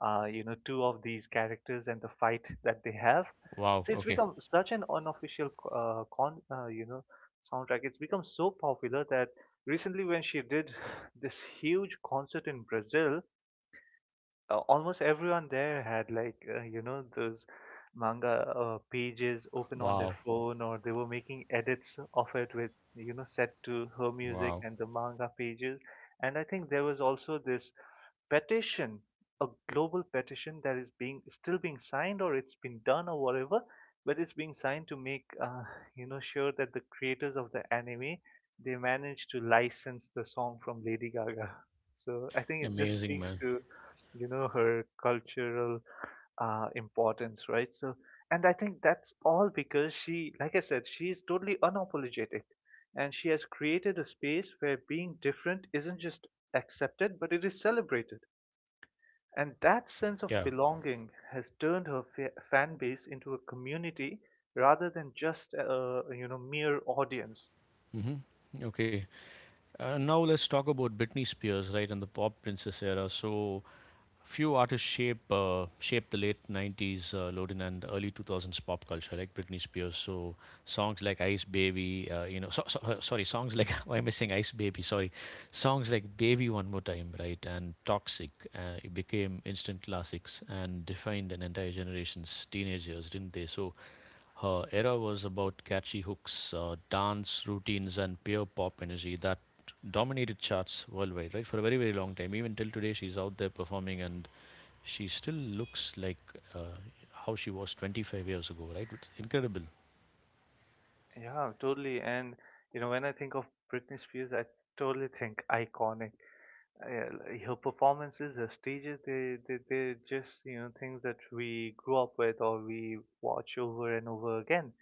Speaker 2: two of these characters and the fight that they have.
Speaker 1: Wow.
Speaker 2: So it's
Speaker 1: Okay.
Speaker 2: become such an unofficial soundtrack. It's become so popular that recently when she did this huge concert in Brazil, almost everyone there had like you know those manga pages open on their
Speaker 1: Wow.
Speaker 2: phone, or they were making edits of it with you know set to her music
Speaker 1: Wow.
Speaker 2: and the manga pages, and I think there was also this petition, a global petition that is being still being signed or it's been done or whatever, but it's being signed to make you know sure that the creators of the anime they manage to license the song from Lady Gaga. So I think it just
Speaker 1: Amazing,
Speaker 2: speaks
Speaker 1: man.
Speaker 2: to you know her cultural importance, right? So, and I think that's all because she, like I said, she is totally unapologetic and she has created a space where being different isn't just accepted but it is celebrated, and that sense of
Speaker 1: Yeah.
Speaker 2: belonging has turned her fan base into a community rather than just a you know mere audience.
Speaker 1: Hmm. Okay. Now let's talk about Britney Spears, right, and the pop princess era. So, few artists shaped the late '90s, Lodin, and early 2000s pop culture, like Britney Spears. So songs like Ice Baby, you know, sorry, songs like why am I saying Ice Baby? Sorry, songs like Baby One More Time, right, and Toxic it became instant classics and defined an entire generation's teenage years, didn't they? So her era was about catchy hooks, dance routines, and pure pop energy that dominated charts worldwide, right? For a very, very long time. Even till today, she's out there performing and she still looks like uh, how she was 25 years ago, right? It's incredible.
Speaker 2: Yeah, totally. And you know when I think of Britney Spears, I totally think iconic. Yeah, like her performances, her stages, they're just, you know, things that we grew up with or we watch over and over again.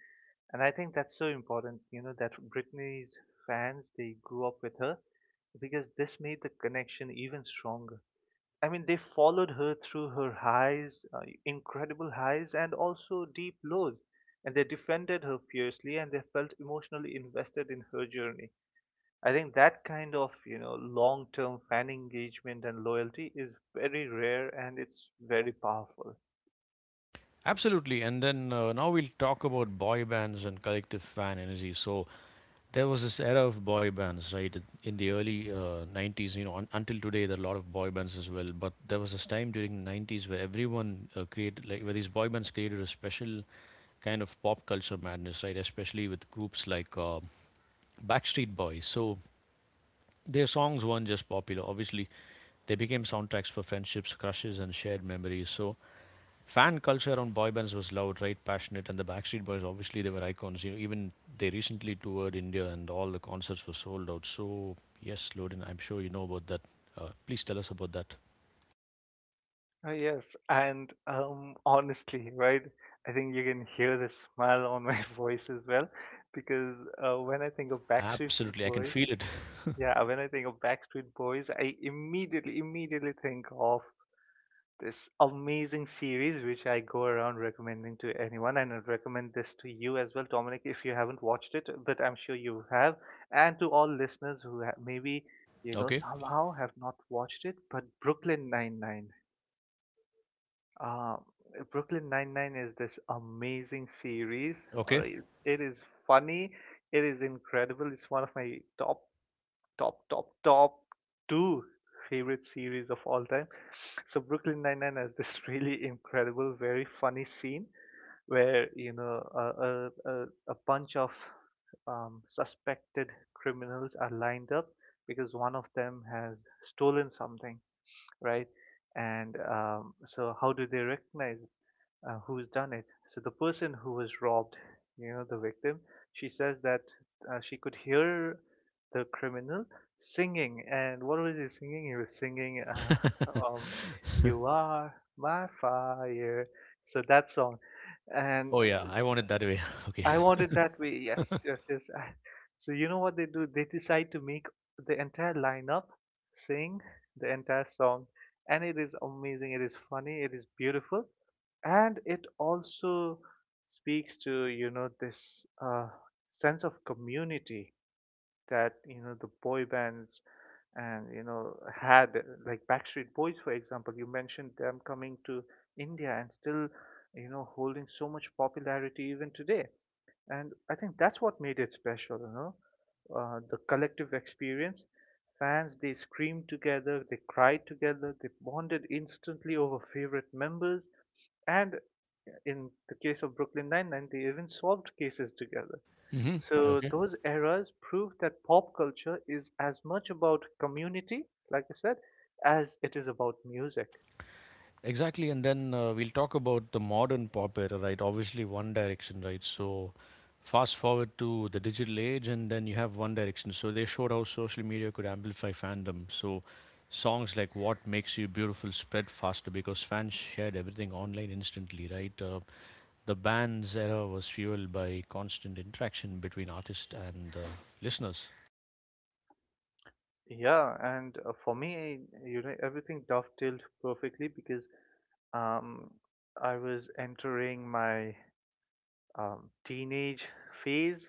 Speaker 2: And I think that's so important, you know, that Britney's fans, they grew up with her because this made the connection even stronger. I mean, they followed her through her highs, incredible highs, and also deep lows. And they defended her fiercely and they felt emotionally invested in her journey. I think that kind of, you know, long-term fan engagement and loyalty is very rare and it's very powerful.
Speaker 1: Absolutely. And then now we'll talk about boy bands and collective fan energy. So there was this era of boy bands, right? In the early 90s, you know, until today, there are a lot of boy bands as well. But there was this time during the 90s where everyone where these boy bands created a special kind of pop culture madness, right? Especially with groups like Backstreet Boys. So their songs weren't just popular, obviously. They became soundtracks for friendships, crushes, and shared memories. So fan culture around boy bands was loud, right, passionate, and the Backstreet Boys obviously they were icons. You know, even they recently toured India, and all the concerts were sold out. So yes, Lodin, I'm sure you know about that. Please tell us about that.
Speaker 2: Yes, and honestly, right? I think you can hear the smile on my voice as well, because when I think of Backstreet
Speaker 1: Absolutely, I can
Speaker 2: Boys,
Speaker 1: feel it.
Speaker 2: yeah, when I think of Backstreet Boys, immediately think of this amazing series which I go around recommending to anyone, and I'd recommend this to you as well, Dominic, if you haven't watched it, but I'm sure you have, and to all listeners who maybe you know
Speaker 1: Okay,
Speaker 2: somehow have not watched it, but Brooklyn Nine Nine. Uh, Brooklyn Nine Nine is this amazing series. All
Speaker 1: okay.
Speaker 2: right, it is funny. It is incredible. It's one of my top, top, top, top two favorite series of all time. So Brooklyn Nine-Nine has this really incredible, very funny scene where you know bunch of suspected criminals are lined up because one of them has stolen something, right? And so how do they recognize who's done it. So the person who was robbed, you know, the victim, she says that she could hear the criminal singing. And what was he singing? He was singing, um, "You Are My Fire." So that song, and
Speaker 1: Oh yeah, I want it that way. Okay.
Speaker 2: I wanted that way. Yes, yes, yes. I- So you know what they do? They decide to make the entire lineup sing the entire song. And it is amazing, it is funny, it is beautiful, and it also speaks to you know this sense of community that you know the boy bands and you know had, like Backstreet Boys, for example, you mentioned them coming to India and still you know holding so much popularity even today. And I think that's what made it special, you know, the collective experience. Fans, they screamed together, they cried together, they bonded instantly over favorite members, and in the case of Brooklyn Nine-Nine, they even solved cases together.
Speaker 1: Hmm.
Speaker 2: So
Speaker 1: Okay.
Speaker 2: those eras prove that pop culture is as much about community, like I said, as it is about music.
Speaker 1: Exactly, and then we'll talk about the modern pop era, right? Obviously, One Direction, right? So, fast forward to the digital age, and then you have One Direction. So, they showed how social media could amplify fandom. So, songs like What Makes You Beautiful spread faster because fans shared everything online instantly, right? The band's era was fueled by constant interaction between artists and listeners.
Speaker 2: Yeah, and for me, you know, everything dovetailed perfectly because um, I was entering my teenage phase,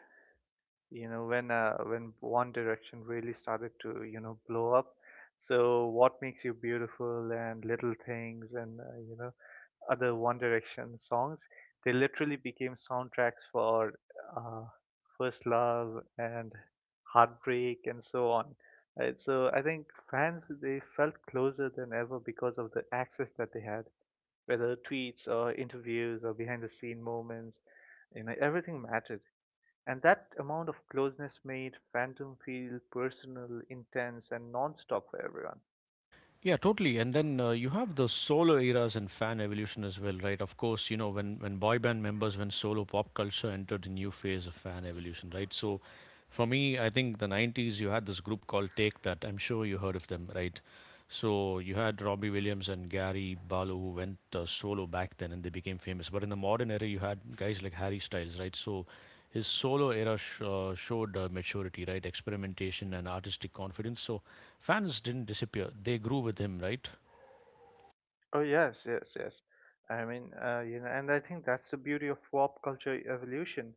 Speaker 2: you know when One Direction really started to you know blow up, so What Makes You Beautiful and Little Things and you know other One Direction songs, they literally became soundtracks for uh, first love and heartbreak and so on. So I think fans they felt closer than ever because of the access that they had, whether tweets or interviews or behind the scene moments, you know everything mattered. And that amount of closeness made Phantom feel personal, intense, and non-stop for everyone.
Speaker 1: Yeah, totally. And then you have the solo eras and fan evolution as well, right? Of course, you know, when boy band members went solo, pop culture entered a new phase of fan evolution, right? So for me, I think the 90s, you had this group called Take That. I'm sure you heard of them, right? So you had Robbie Williams and Gary Barlow who went solo back then and they became famous. But in the modern era, you had guys like Harry Styles, right? So his solo era showed maturity, right? Experimentation and artistic confidence. So fans didn't disappear. They grew with him, right?
Speaker 2: Oh yes, yes, yes. I mean, you know, and I think that's the beauty of pop culture evolution.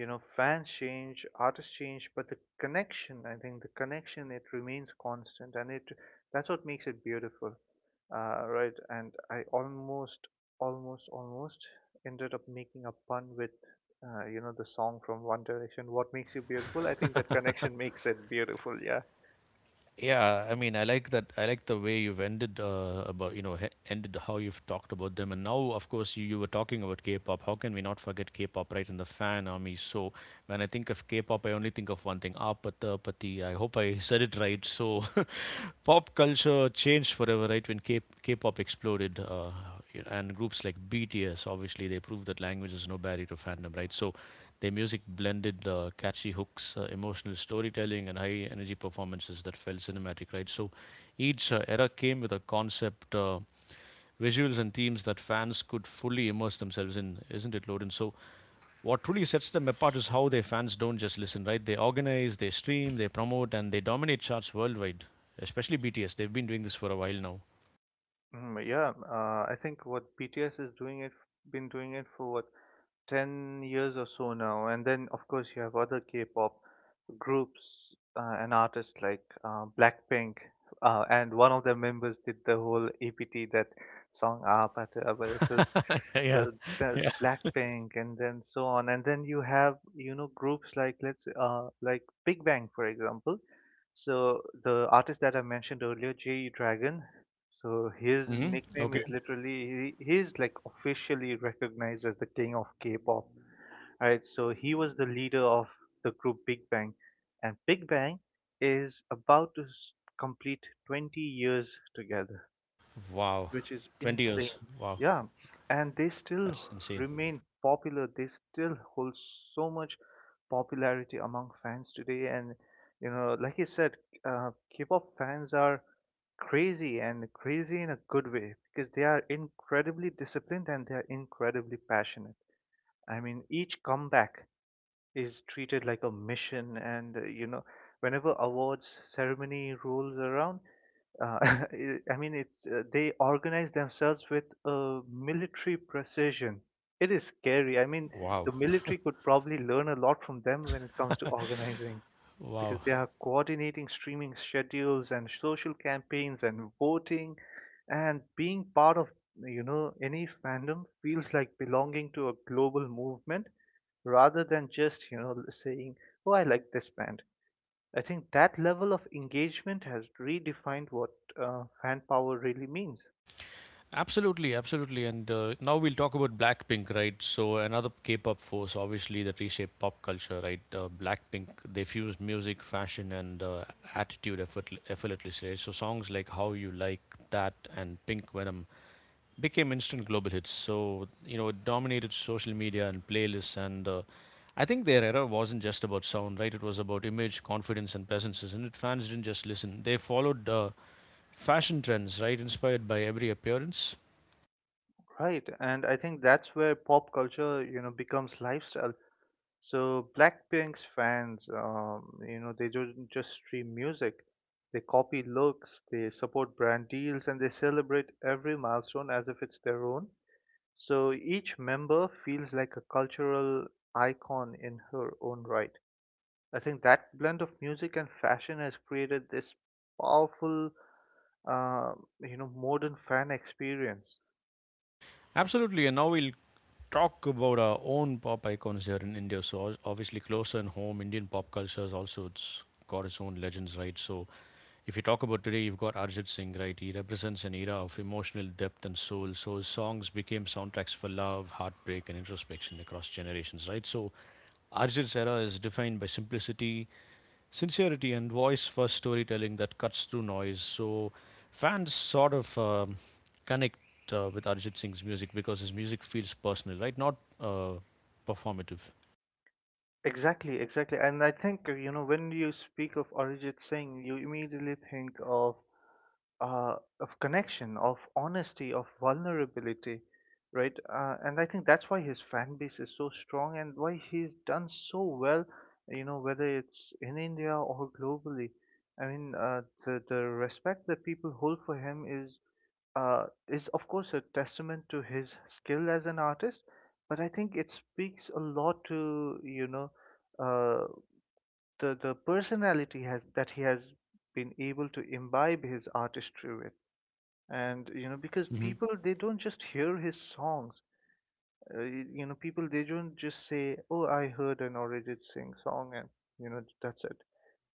Speaker 2: You know fans change, artists change, but the connection, I think the connection it remains constant, and it that's what makes it beautiful. Uh, right, and I almost, almost, almost ended up making a pun with you know the song from One Direction, What Makes You Beautiful. I think that connection makes it beautiful, yeah.
Speaker 1: Yeah, I mean, I like that. I like the way you've ended about, ended how you've talked about them. And now, of course, you were talking about K-pop. How can we not forget K-pop, right? And the fan army. So when I think of K-pop, I only think of one thing: Apatha Pati. I hope I said it right. So pop culture changed forever, right? When K-pop exploded, and groups like BTS, obviously, they proved that language is no barrier to fandom, right? So their music blended catchy hooks, emotional storytelling, and high energy performances that felt cinematic, right? So each era came with a concept, visuals, and themes that fans could fully immerse themselves in, isn't it, Loden? So what truly sets them apart is how their fans don't just listen, right? They organize, they stream, they promote, and they dominate charts worldwide, especially BTS. They've been doing this for a while now.
Speaker 2: Mm, yeah, I think what BTS is doing, it been doing it for what, 10 years or so now, and then of course you have other K-pop groups and artists like Blackpink, and one of their members did the whole EPT, that song "Aap Aata So,"
Speaker 1: Yeah, yeah,
Speaker 2: so the
Speaker 1: yeah.
Speaker 2: Blackpink, and then so on, and then you have you know groups like let's like Big Bang for example. So the artist that I mentioned earlier, J E Dragon. So his
Speaker 1: Hmm.
Speaker 2: nickname
Speaker 1: Okay.
Speaker 2: is literally, he's like officially recognized as the king of K-pop. Right, so he was the leader of the group Big Bang, and Big Bang is about to complete 20 years together,
Speaker 1: Wow.
Speaker 2: which is
Speaker 1: 20 years.
Speaker 2: insane.
Speaker 1: Wow.
Speaker 2: Yeah, and they still
Speaker 1: That's insane.
Speaker 2: remain popular. They still hold so much popularity among fans today. And you know, like you said, uh, K-pop fans are crazy, and crazy in a good way because they are incredibly disciplined and they are incredibly passionate. I mean, each comeback is treated like a mission, and you know whenever awards ceremony rolls around, uh, it- I mean, it's they organize themselves with a military precision. It is scary. I mean, the
Speaker 1: Wow.
Speaker 2: military could probably learn a lot from them when it comes to organizing, because
Speaker 1: Wow.
Speaker 2: they are coordinating streaming schedules and social campaigns and voting, and being part of you know any fandom feels like belonging to a global movement rather than just you know saying, oh I like this band. I think that level of engagement has redefined what fan power really means.
Speaker 1: Absolutely, absolutely. And now we'll talk about Blackpink, right? So another K-pop force, obviously, that reshaped pop culture, right? Blackpink, they fused music, fashion, and effortlessly. Right? So songs like "How You Like That" and "Pink Venom" became instant global hits. So you know, it dominated social media and playlists. And I think their era wasn't just about sound, right? It was about image, confidence, and presence. Isn't it? Fans didn't just listen; they followed fashion trends, right? Inspired by every appearance.
Speaker 2: Right, and I think that's where pop culture you know becomes lifestyle. So Blackpink's fans, you know, they don't just stream music. They copy looks, they support brand deals, and they celebrate every milestone as if it's their own. So each member feels like a cultural icon in her own right. I think that blend of music and fashion has created this powerful uh, modern fan experience.
Speaker 1: Absolutely. And now we'll talk about our own pop icons here in India. So obviously closer in home, Indian pop culture has also it's got its own legends, right? So if you talk about today, you've got Arjit Singh, right? He represents an era of emotional depth and soul. So his songs became soundtracks for love, heartbreak, and introspection across generations, right? So Arjit's era is defined by simplicity, sincerity and voice first storytelling that cuts through noise. So fans sort of connect with Arjit Singh's music because his music feels personal, right? Not performative.
Speaker 2: Exactly, exactly, and I think when you speak of Arijit Singh, you immediately think of connection, of honesty, of vulnerability, right? And I think that's why his fan base is so strong and why he's done so well, you know, whether it's in India or globally. I mean, the respect that people hold for him is is, of course, a testament to his skill as an artist, but I think it speaks a lot to uh, the personality has that he has been able to imbibe his artistry with. And you know, because
Speaker 1: Hmm.
Speaker 2: people, they don't just hear his songs, you know, people, they don't just say, oh, I heard an Arijit Singh song and you know that's it,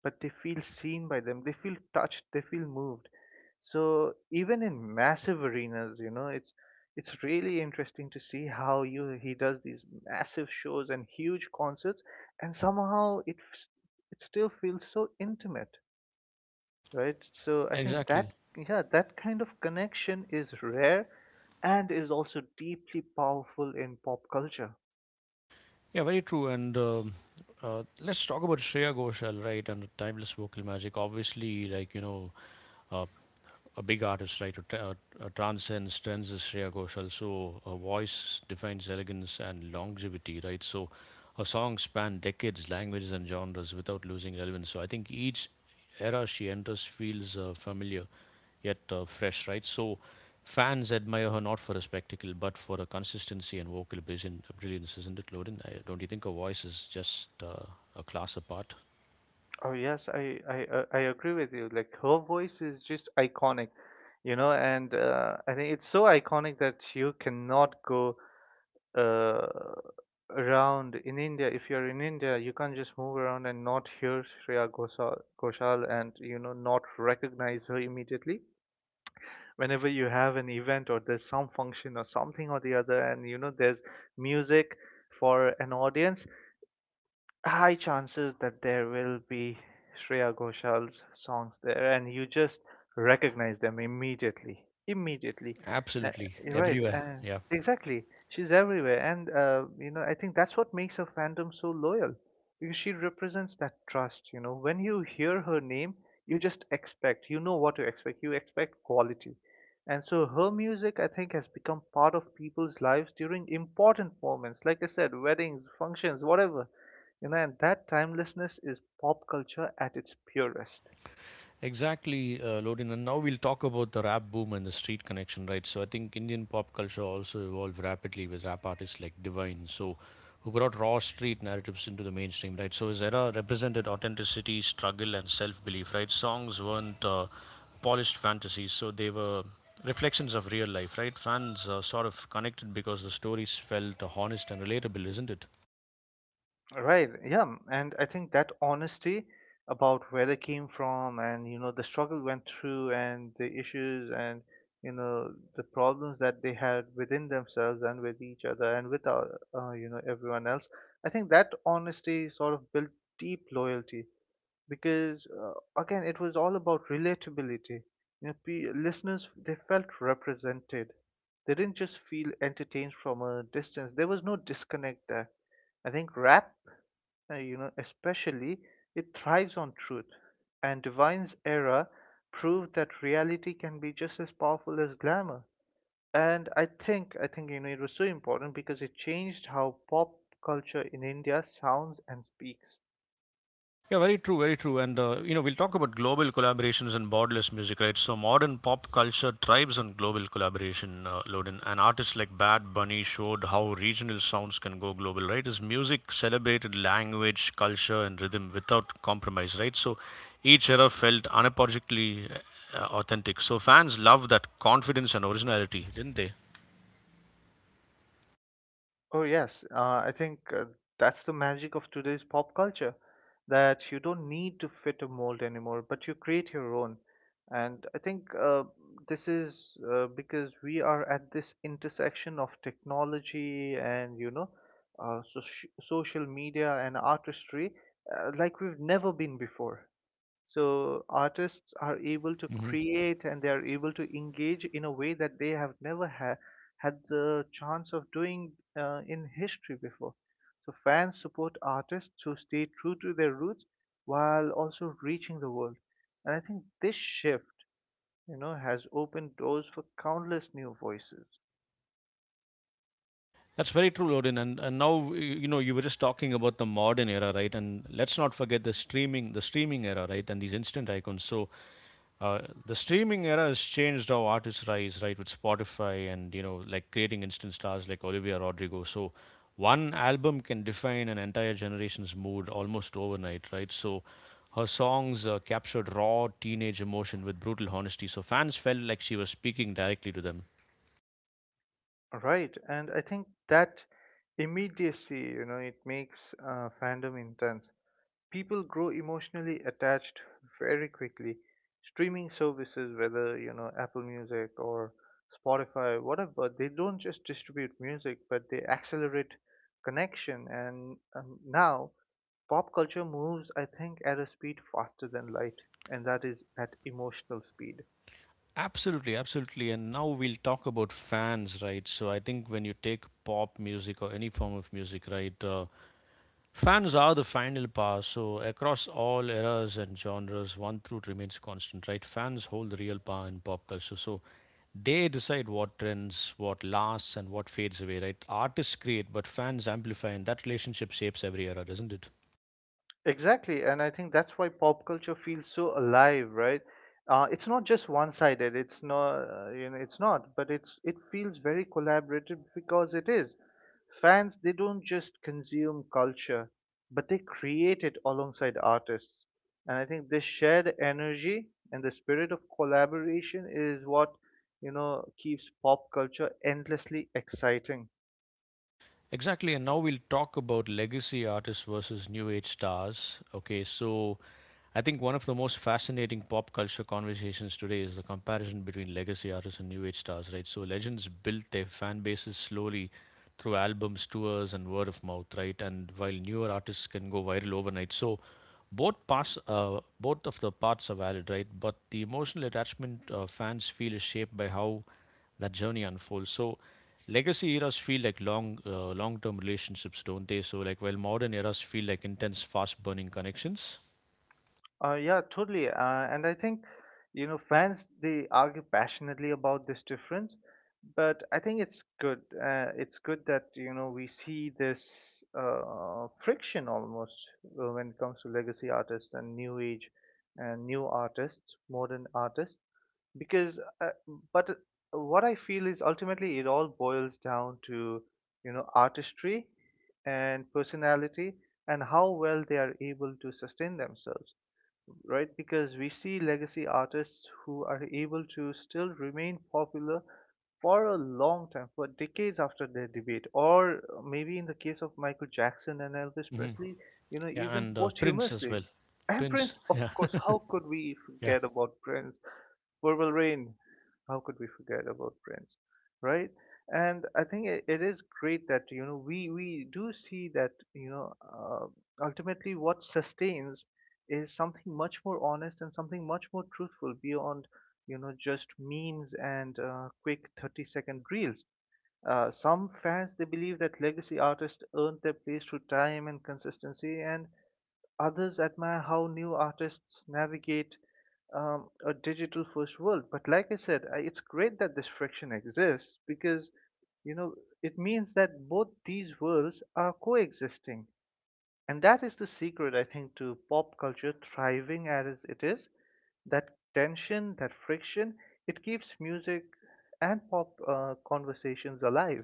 Speaker 2: but they feel seen by them, they feel touched, they feel moved. So even in massive arenas, you know, it's really interesting to see how you he does these massive shows and huge concerts, and somehow it still feels so intimate, right? So I think that,
Speaker 1: Exactly.
Speaker 2: yeah, that kind of connection is rare and is also deeply powerful in pop culture.
Speaker 1: Yeah, very true. And let's talk about Shreya Ghoshal, right? And the timeless vocal magic. Obviously, like you know, uh, a big artist, right, who transcends trends is Shreya Ghoshal. So her voice defines elegance and longevity, right? So her songs span decades, languages, and genres without losing relevance. So I think each era she enters feels familiar yet fresh, right? So fans admire her not for her spectacle but for her consistency and vocal brilliance, isn't it, Loden? I, don't you think her voice is just a class apart?
Speaker 2: Oh yes, I agree with you. Like, her voice is just iconic, you know, and I think it's so iconic that you cannot go uh, around in India. If you're in India, you can't just move around and not hear Shreya Ghoshal and you know not recognize her immediately. Whenever you have an event or there's some function or something or the other, and you know there's music for an audience, high chances that there will be Shreya Ghoshal's songs there, and you just recognize them immediately. Immediately. uh,
Speaker 1: Absolutely,
Speaker 2: you're right.
Speaker 1: everywhere. Yeah.
Speaker 2: Exactly, she's everywhere, and you know, I think that's what makes her fandom so loyal, because she represents that trust. You know, when you hear her name, you just expect. You know what to expect. You expect quality, and so her music, I think, has become part of people's lives during important moments. Like I said, weddings, functions, whatever, you know, and that timelessness is pop culture at its purest.
Speaker 1: Exactly, Lodin. And now we'll talk about the rap boom and the street connection, right? So I think Indian pop culture also evolved rapidly with rap artists like Divine, so who brought raw street narratives into the mainstream, right? So his era represented authenticity, struggle, and self-belief, right? Songs weren't polished fantasies, so they were reflections of real life, right? Fans sort of connected because the stories felt honest and relatable, isn't it?
Speaker 2: Right, yeah. And I think that honesty about where they came from and, you know, the struggle went through and the issues and, you know, the problems that they had within themselves and with each other and with our, you know, everyone else. I think that honesty sort of built deep loyalty, because again, it was all about relatability. You know, listeners, they felt represented, they didn't just feel entertained from a distance. There was no disconnect there. I think rap, especially, it thrives on truth, and Divine's era proved that reality can be just as powerful as glamour. And I think you know, it was so important because it changed how pop culture in India sounds and speaks.
Speaker 1: Yeah, very true, very true. And you know, we'll talk about global collaborations and borderless music, right? So modern pop culture thrives on global collaboration, Loden. And artists like Bad Bunny showed how regional sounds can go global, right? His music celebrated language, culture, and rhythm without compromise, right? So each era felt unapologetically authentic. So fans love that confidence and originality, didn't they?
Speaker 2: Oh, yes. I think that's the magic of today's pop culture, that you don't need to fit a mold anymore, but you create your own. And I think this is because we are at this intersection of technology and, you know, social media and artistry, like we've never been before. So artists are able to create and they are able to engage in a way that they have never had the chance of doing in history before. So fans support artists who stay true to their roots while also reaching the world. And I think this shift, you know, has opened doors for countless new voices.
Speaker 1: That's very true, Odin. And now you know you were just talking about the modern era, right? And let's not forget the streaming era, right? And these instant icons. So uh, the streaming era has changed how artists rise, right? With Spotify and you know like creating instant stars like Olivia Rodrigo. So one album can define an entire generation's mood almost overnight, right? So her songs captured raw teenage emotion with brutal honesty. So fans felt like she was speaking directly to them.
Speaker 2: Right, and I think that immediacy, you know, it makes fandom intense. People grow emotionally attached very quickly. Streaming services, whether you know Apple Music or Spotify, whatever, they don't just distribute music, but they accelerate connection. And now pop culture moves, I think, at a speed faster than light, and that is at emotional speed.
Speaker 1: Absolutely, absolutely. And now we'll talk about fans, right? So I think when you take pop music or any form of music, right, fans are the final power. So across all eras and genres, one truth remains constant, right? Fans hold the real power in pop culture. So they decide what trends, what lasts, and what fades away, right? Artists create, but fans amplify, and that relationship shapes every era, doesn't it?
Speaker 2: Exactly, and I think that's why pop culture feels so alive, right? It's not just one-sided. It's not, you know, it's not, but it feels very collaborative because it is. Fans, they don't just consume culture, but they create it alongside artists. And I think this shared energy and the spirit of collaboration is what, you know, keeps pop culture endlessly exciting.
Speaker 1: Exactly, and now we'll talk about legacy artists versus new age stars. Okay, so I think one of the most fascinating pop culture conversations today is the comparison between legacy artists and new age stars, right? So legends built their fan bases slowly through albums, tours, and word of mouth, right? And while newer artists can go viral overnight, so both of the parts are valid, right? But the emotional attachment fans feel is shaped by how that journey unfolds. So legacy eras feel like long-term relationships, don't they? So like while modern eras feel like intense, fast-burning connections.
Speaker 2: Yeah, totally. And I think, you know, fans, they argue passionately about this difference, but I think it's good. It's good that, you know, we see this friction almost when it comes to legacy artists and new age and new artists, modern artists, because, but what I feel is ultimately it all boils down to, you know, artistry and personality and how well they are able to sustain themselves, right? Because we see legacy artists who are able to still remain popular for a long time, for decades after their debate, or maybe in the case of Michael Jackson and Elvis Presley, you know,
Speaker 1: Yeah,
Speaker 2: even
Speaker 1: and Prince as
Speaker 2: posthumously.
Speaker 1: well.
Speaker 2: And
Speaker 1: Prince,
Speaker 2: Prince, of
Speaker 1: yeah,
Speaker 2: course, how could we
Speaker 1: yeah,
Speaker 2: forget about Prince? Purple Rain, how could we forget about Prince, right? And I think it is great that you know we do see that you know ultimately what sustains is something much more honest and something much more truthful beyond you know just memes and quick 30-second reels. Some fans, they believe that legacy artists earned their place through time and consistency, and others admire how new artists navigate a digital first world. But like I said, I, it's great that this friction exists because you know it means that both these worlds are coexisting, and that is the secret, I think, to pop culture thriving as it is. That tension, that friction, it keeps music and pop conversations alive.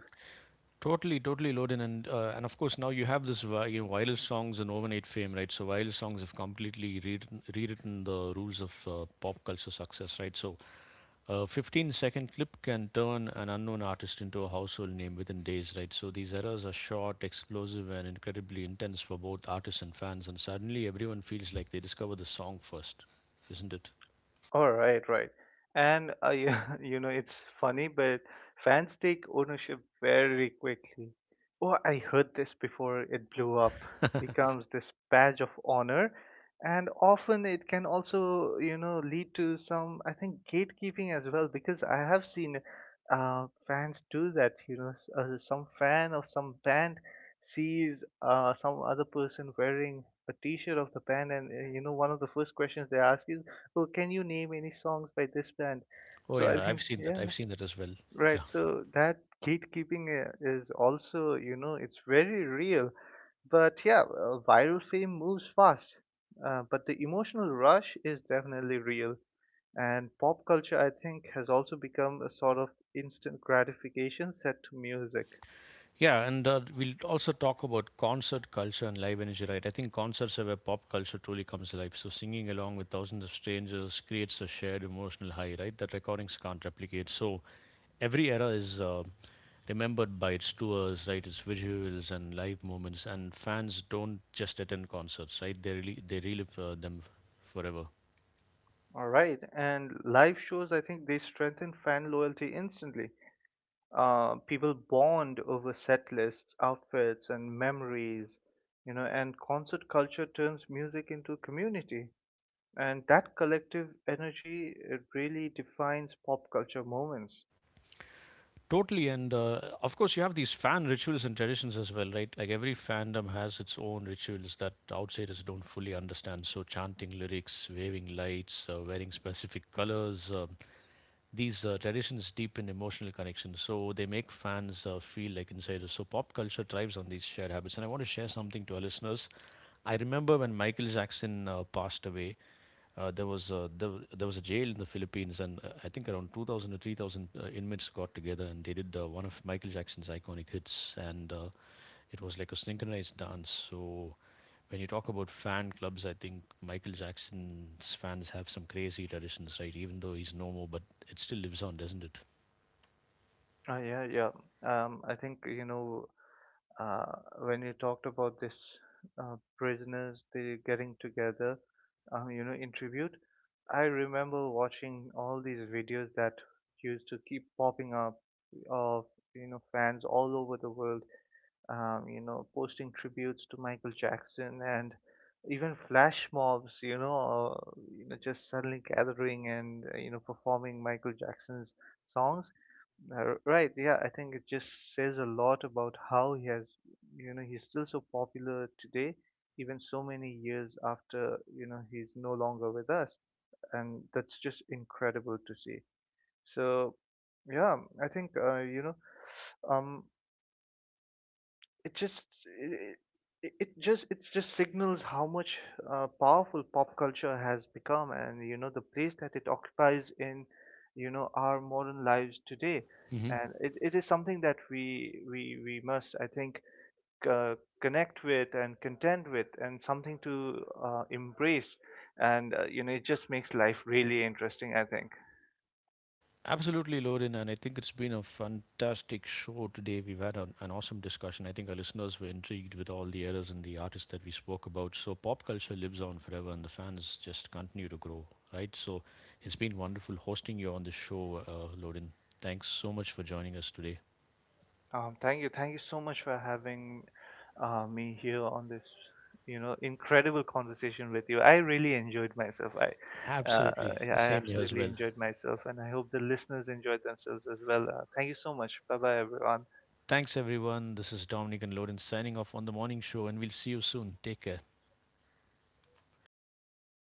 Speaker 1: totally, totally loaded, and of course now you have this you know viral songs and overnight fame, right? So viral songs have completely rewritten the rules of pop culture success, right? So a 15-second clip can turn an unknown artist into a household name within days, right? So these errors are short, explosive, and incredibly intense for both artists and fans, and suddenly everyone feels like they discover the song first, isn't it?
Speaker 2: All right, right. And you know, it's funny, but fans take ownership very quickly. Oh, I heard this before it blew up becomes this badge of honor. And often it can also, you know, lead to some, I think, gatekeeping as well, because I have seen fans do that. You know, some fan of some band sees some other person wearing a t-shirt of the band, and you know, one of the first questions they ask is, so can you name any songs by this band?
Speaker 1: Oh
Speaker 2: So I
Speaker 1: yeah, I've
Speaker 2: think,
Speaker 1: seen that.
Speaker 2: yeah,
Speaker 1: I've seen that as well. Yeah.
Speaker 2: right. So that gatekeeping is also, you know, it's very real. But yeah, viral fame moves fast. But the emotional rush is definitely real. And pop culture, I think, has also become a sort of instant gratification set to music.
Speaker 1: Yeah, and we'll also talk about concert culture and live energy, right? I think concerts are where pop culture truly comes alive. So singing along with thousands of strangers creates a shared emotional high, right? That recordings can't replicate. So every era is remembered by its tours, right? Its visuals and live moments, and fans don't just attend concerts, right? They relive them forever.
Speaker 2: All right. And live shows, I think, they strengthen fan loyalty instantly. People bond over set lists, outfits, and memories, you know, and concert culture turns music into a community. And that collective energy, it really defines pop culture moments.
Speaker 1: Totally, and of course, you have these fan rituals and traditions as well, right? Like every fandom has its own rituals that outsiders don't fully understand. So, chanting lyrics, waving lights, wearing specific colors, these traditions deepen emotional connection. So, they make fans feel like insiders. So, pop culture thrives on these shared habits. And I want to share something to our listeners. I remember when Michael Jackson passed away, there was a jail in the Philippines, and I think around 2,000 or 3,000 inmates got together, and they did one of Michael Jackson's iconic hits, and it was like a synchronized dance. So when you talk about fan clubs, I think Michael Jackson's fans have some crazy traditions, right? Even though he's no more, but it still lives on, doesn't it?
Speaker 2: Yeah, yeah. I think, you know, Uh, when you talked about this prisoners they getting together, you know, in tribute, I remember watching all these videos that used to keep popping up of you know fans all over the world, you know, posting tributes to Michael Jackson and even flash mobs, you know, just suddenly gathering and you know performing Michael Jackson's songs. Right, yeah, I think it just says a lot about how he has, you know, he's still so popular today, even so many years after, you know, he's no longer with us, and that's just incredible to see. So, yeah, I think you know, um, it just it, it just signals how much powerful pop culture has become, and you know the place that it occupies in you know our modern lives today.
Speaker 1: Hmm.
Speaker 2: And it is something that we must, I think, uh, connect with and contend with, and something to embrace. And you know, it just makes life really interesting, I think.
Speaker 1: Absolutely, Lauren, and I think it's been a fantastic show today. An awesome discussion. I think our listeners were intrigued with all the eras and the artists that we spoke about. So, pop culture lives on forever, and the fans just continue to grow, right? So, it's been wonderful hosting you on the show, Lorin. Thanks so much for joining us today.
Speaker 2: Thank you. Thank you so much for having me here on this, you know, incredible conversation with you. I really enjoyed myself.
Speaker 1: Absolutely,
Speaker 2: Yeah,
Speaker 1: the
Speaker 2: I
Speaker 1: same here as
Speaker 2: absolutely
Speaker 1: well.
Speaker 2: enjoyed myself, and I hope the listeners enjoyed themselves as well. Thank you so much. Bye bye, everyone.
Speaker 1: Thanks, everyone. This is Dominic and Lauren signing off on the morning show, and we'll see you soon. Take care.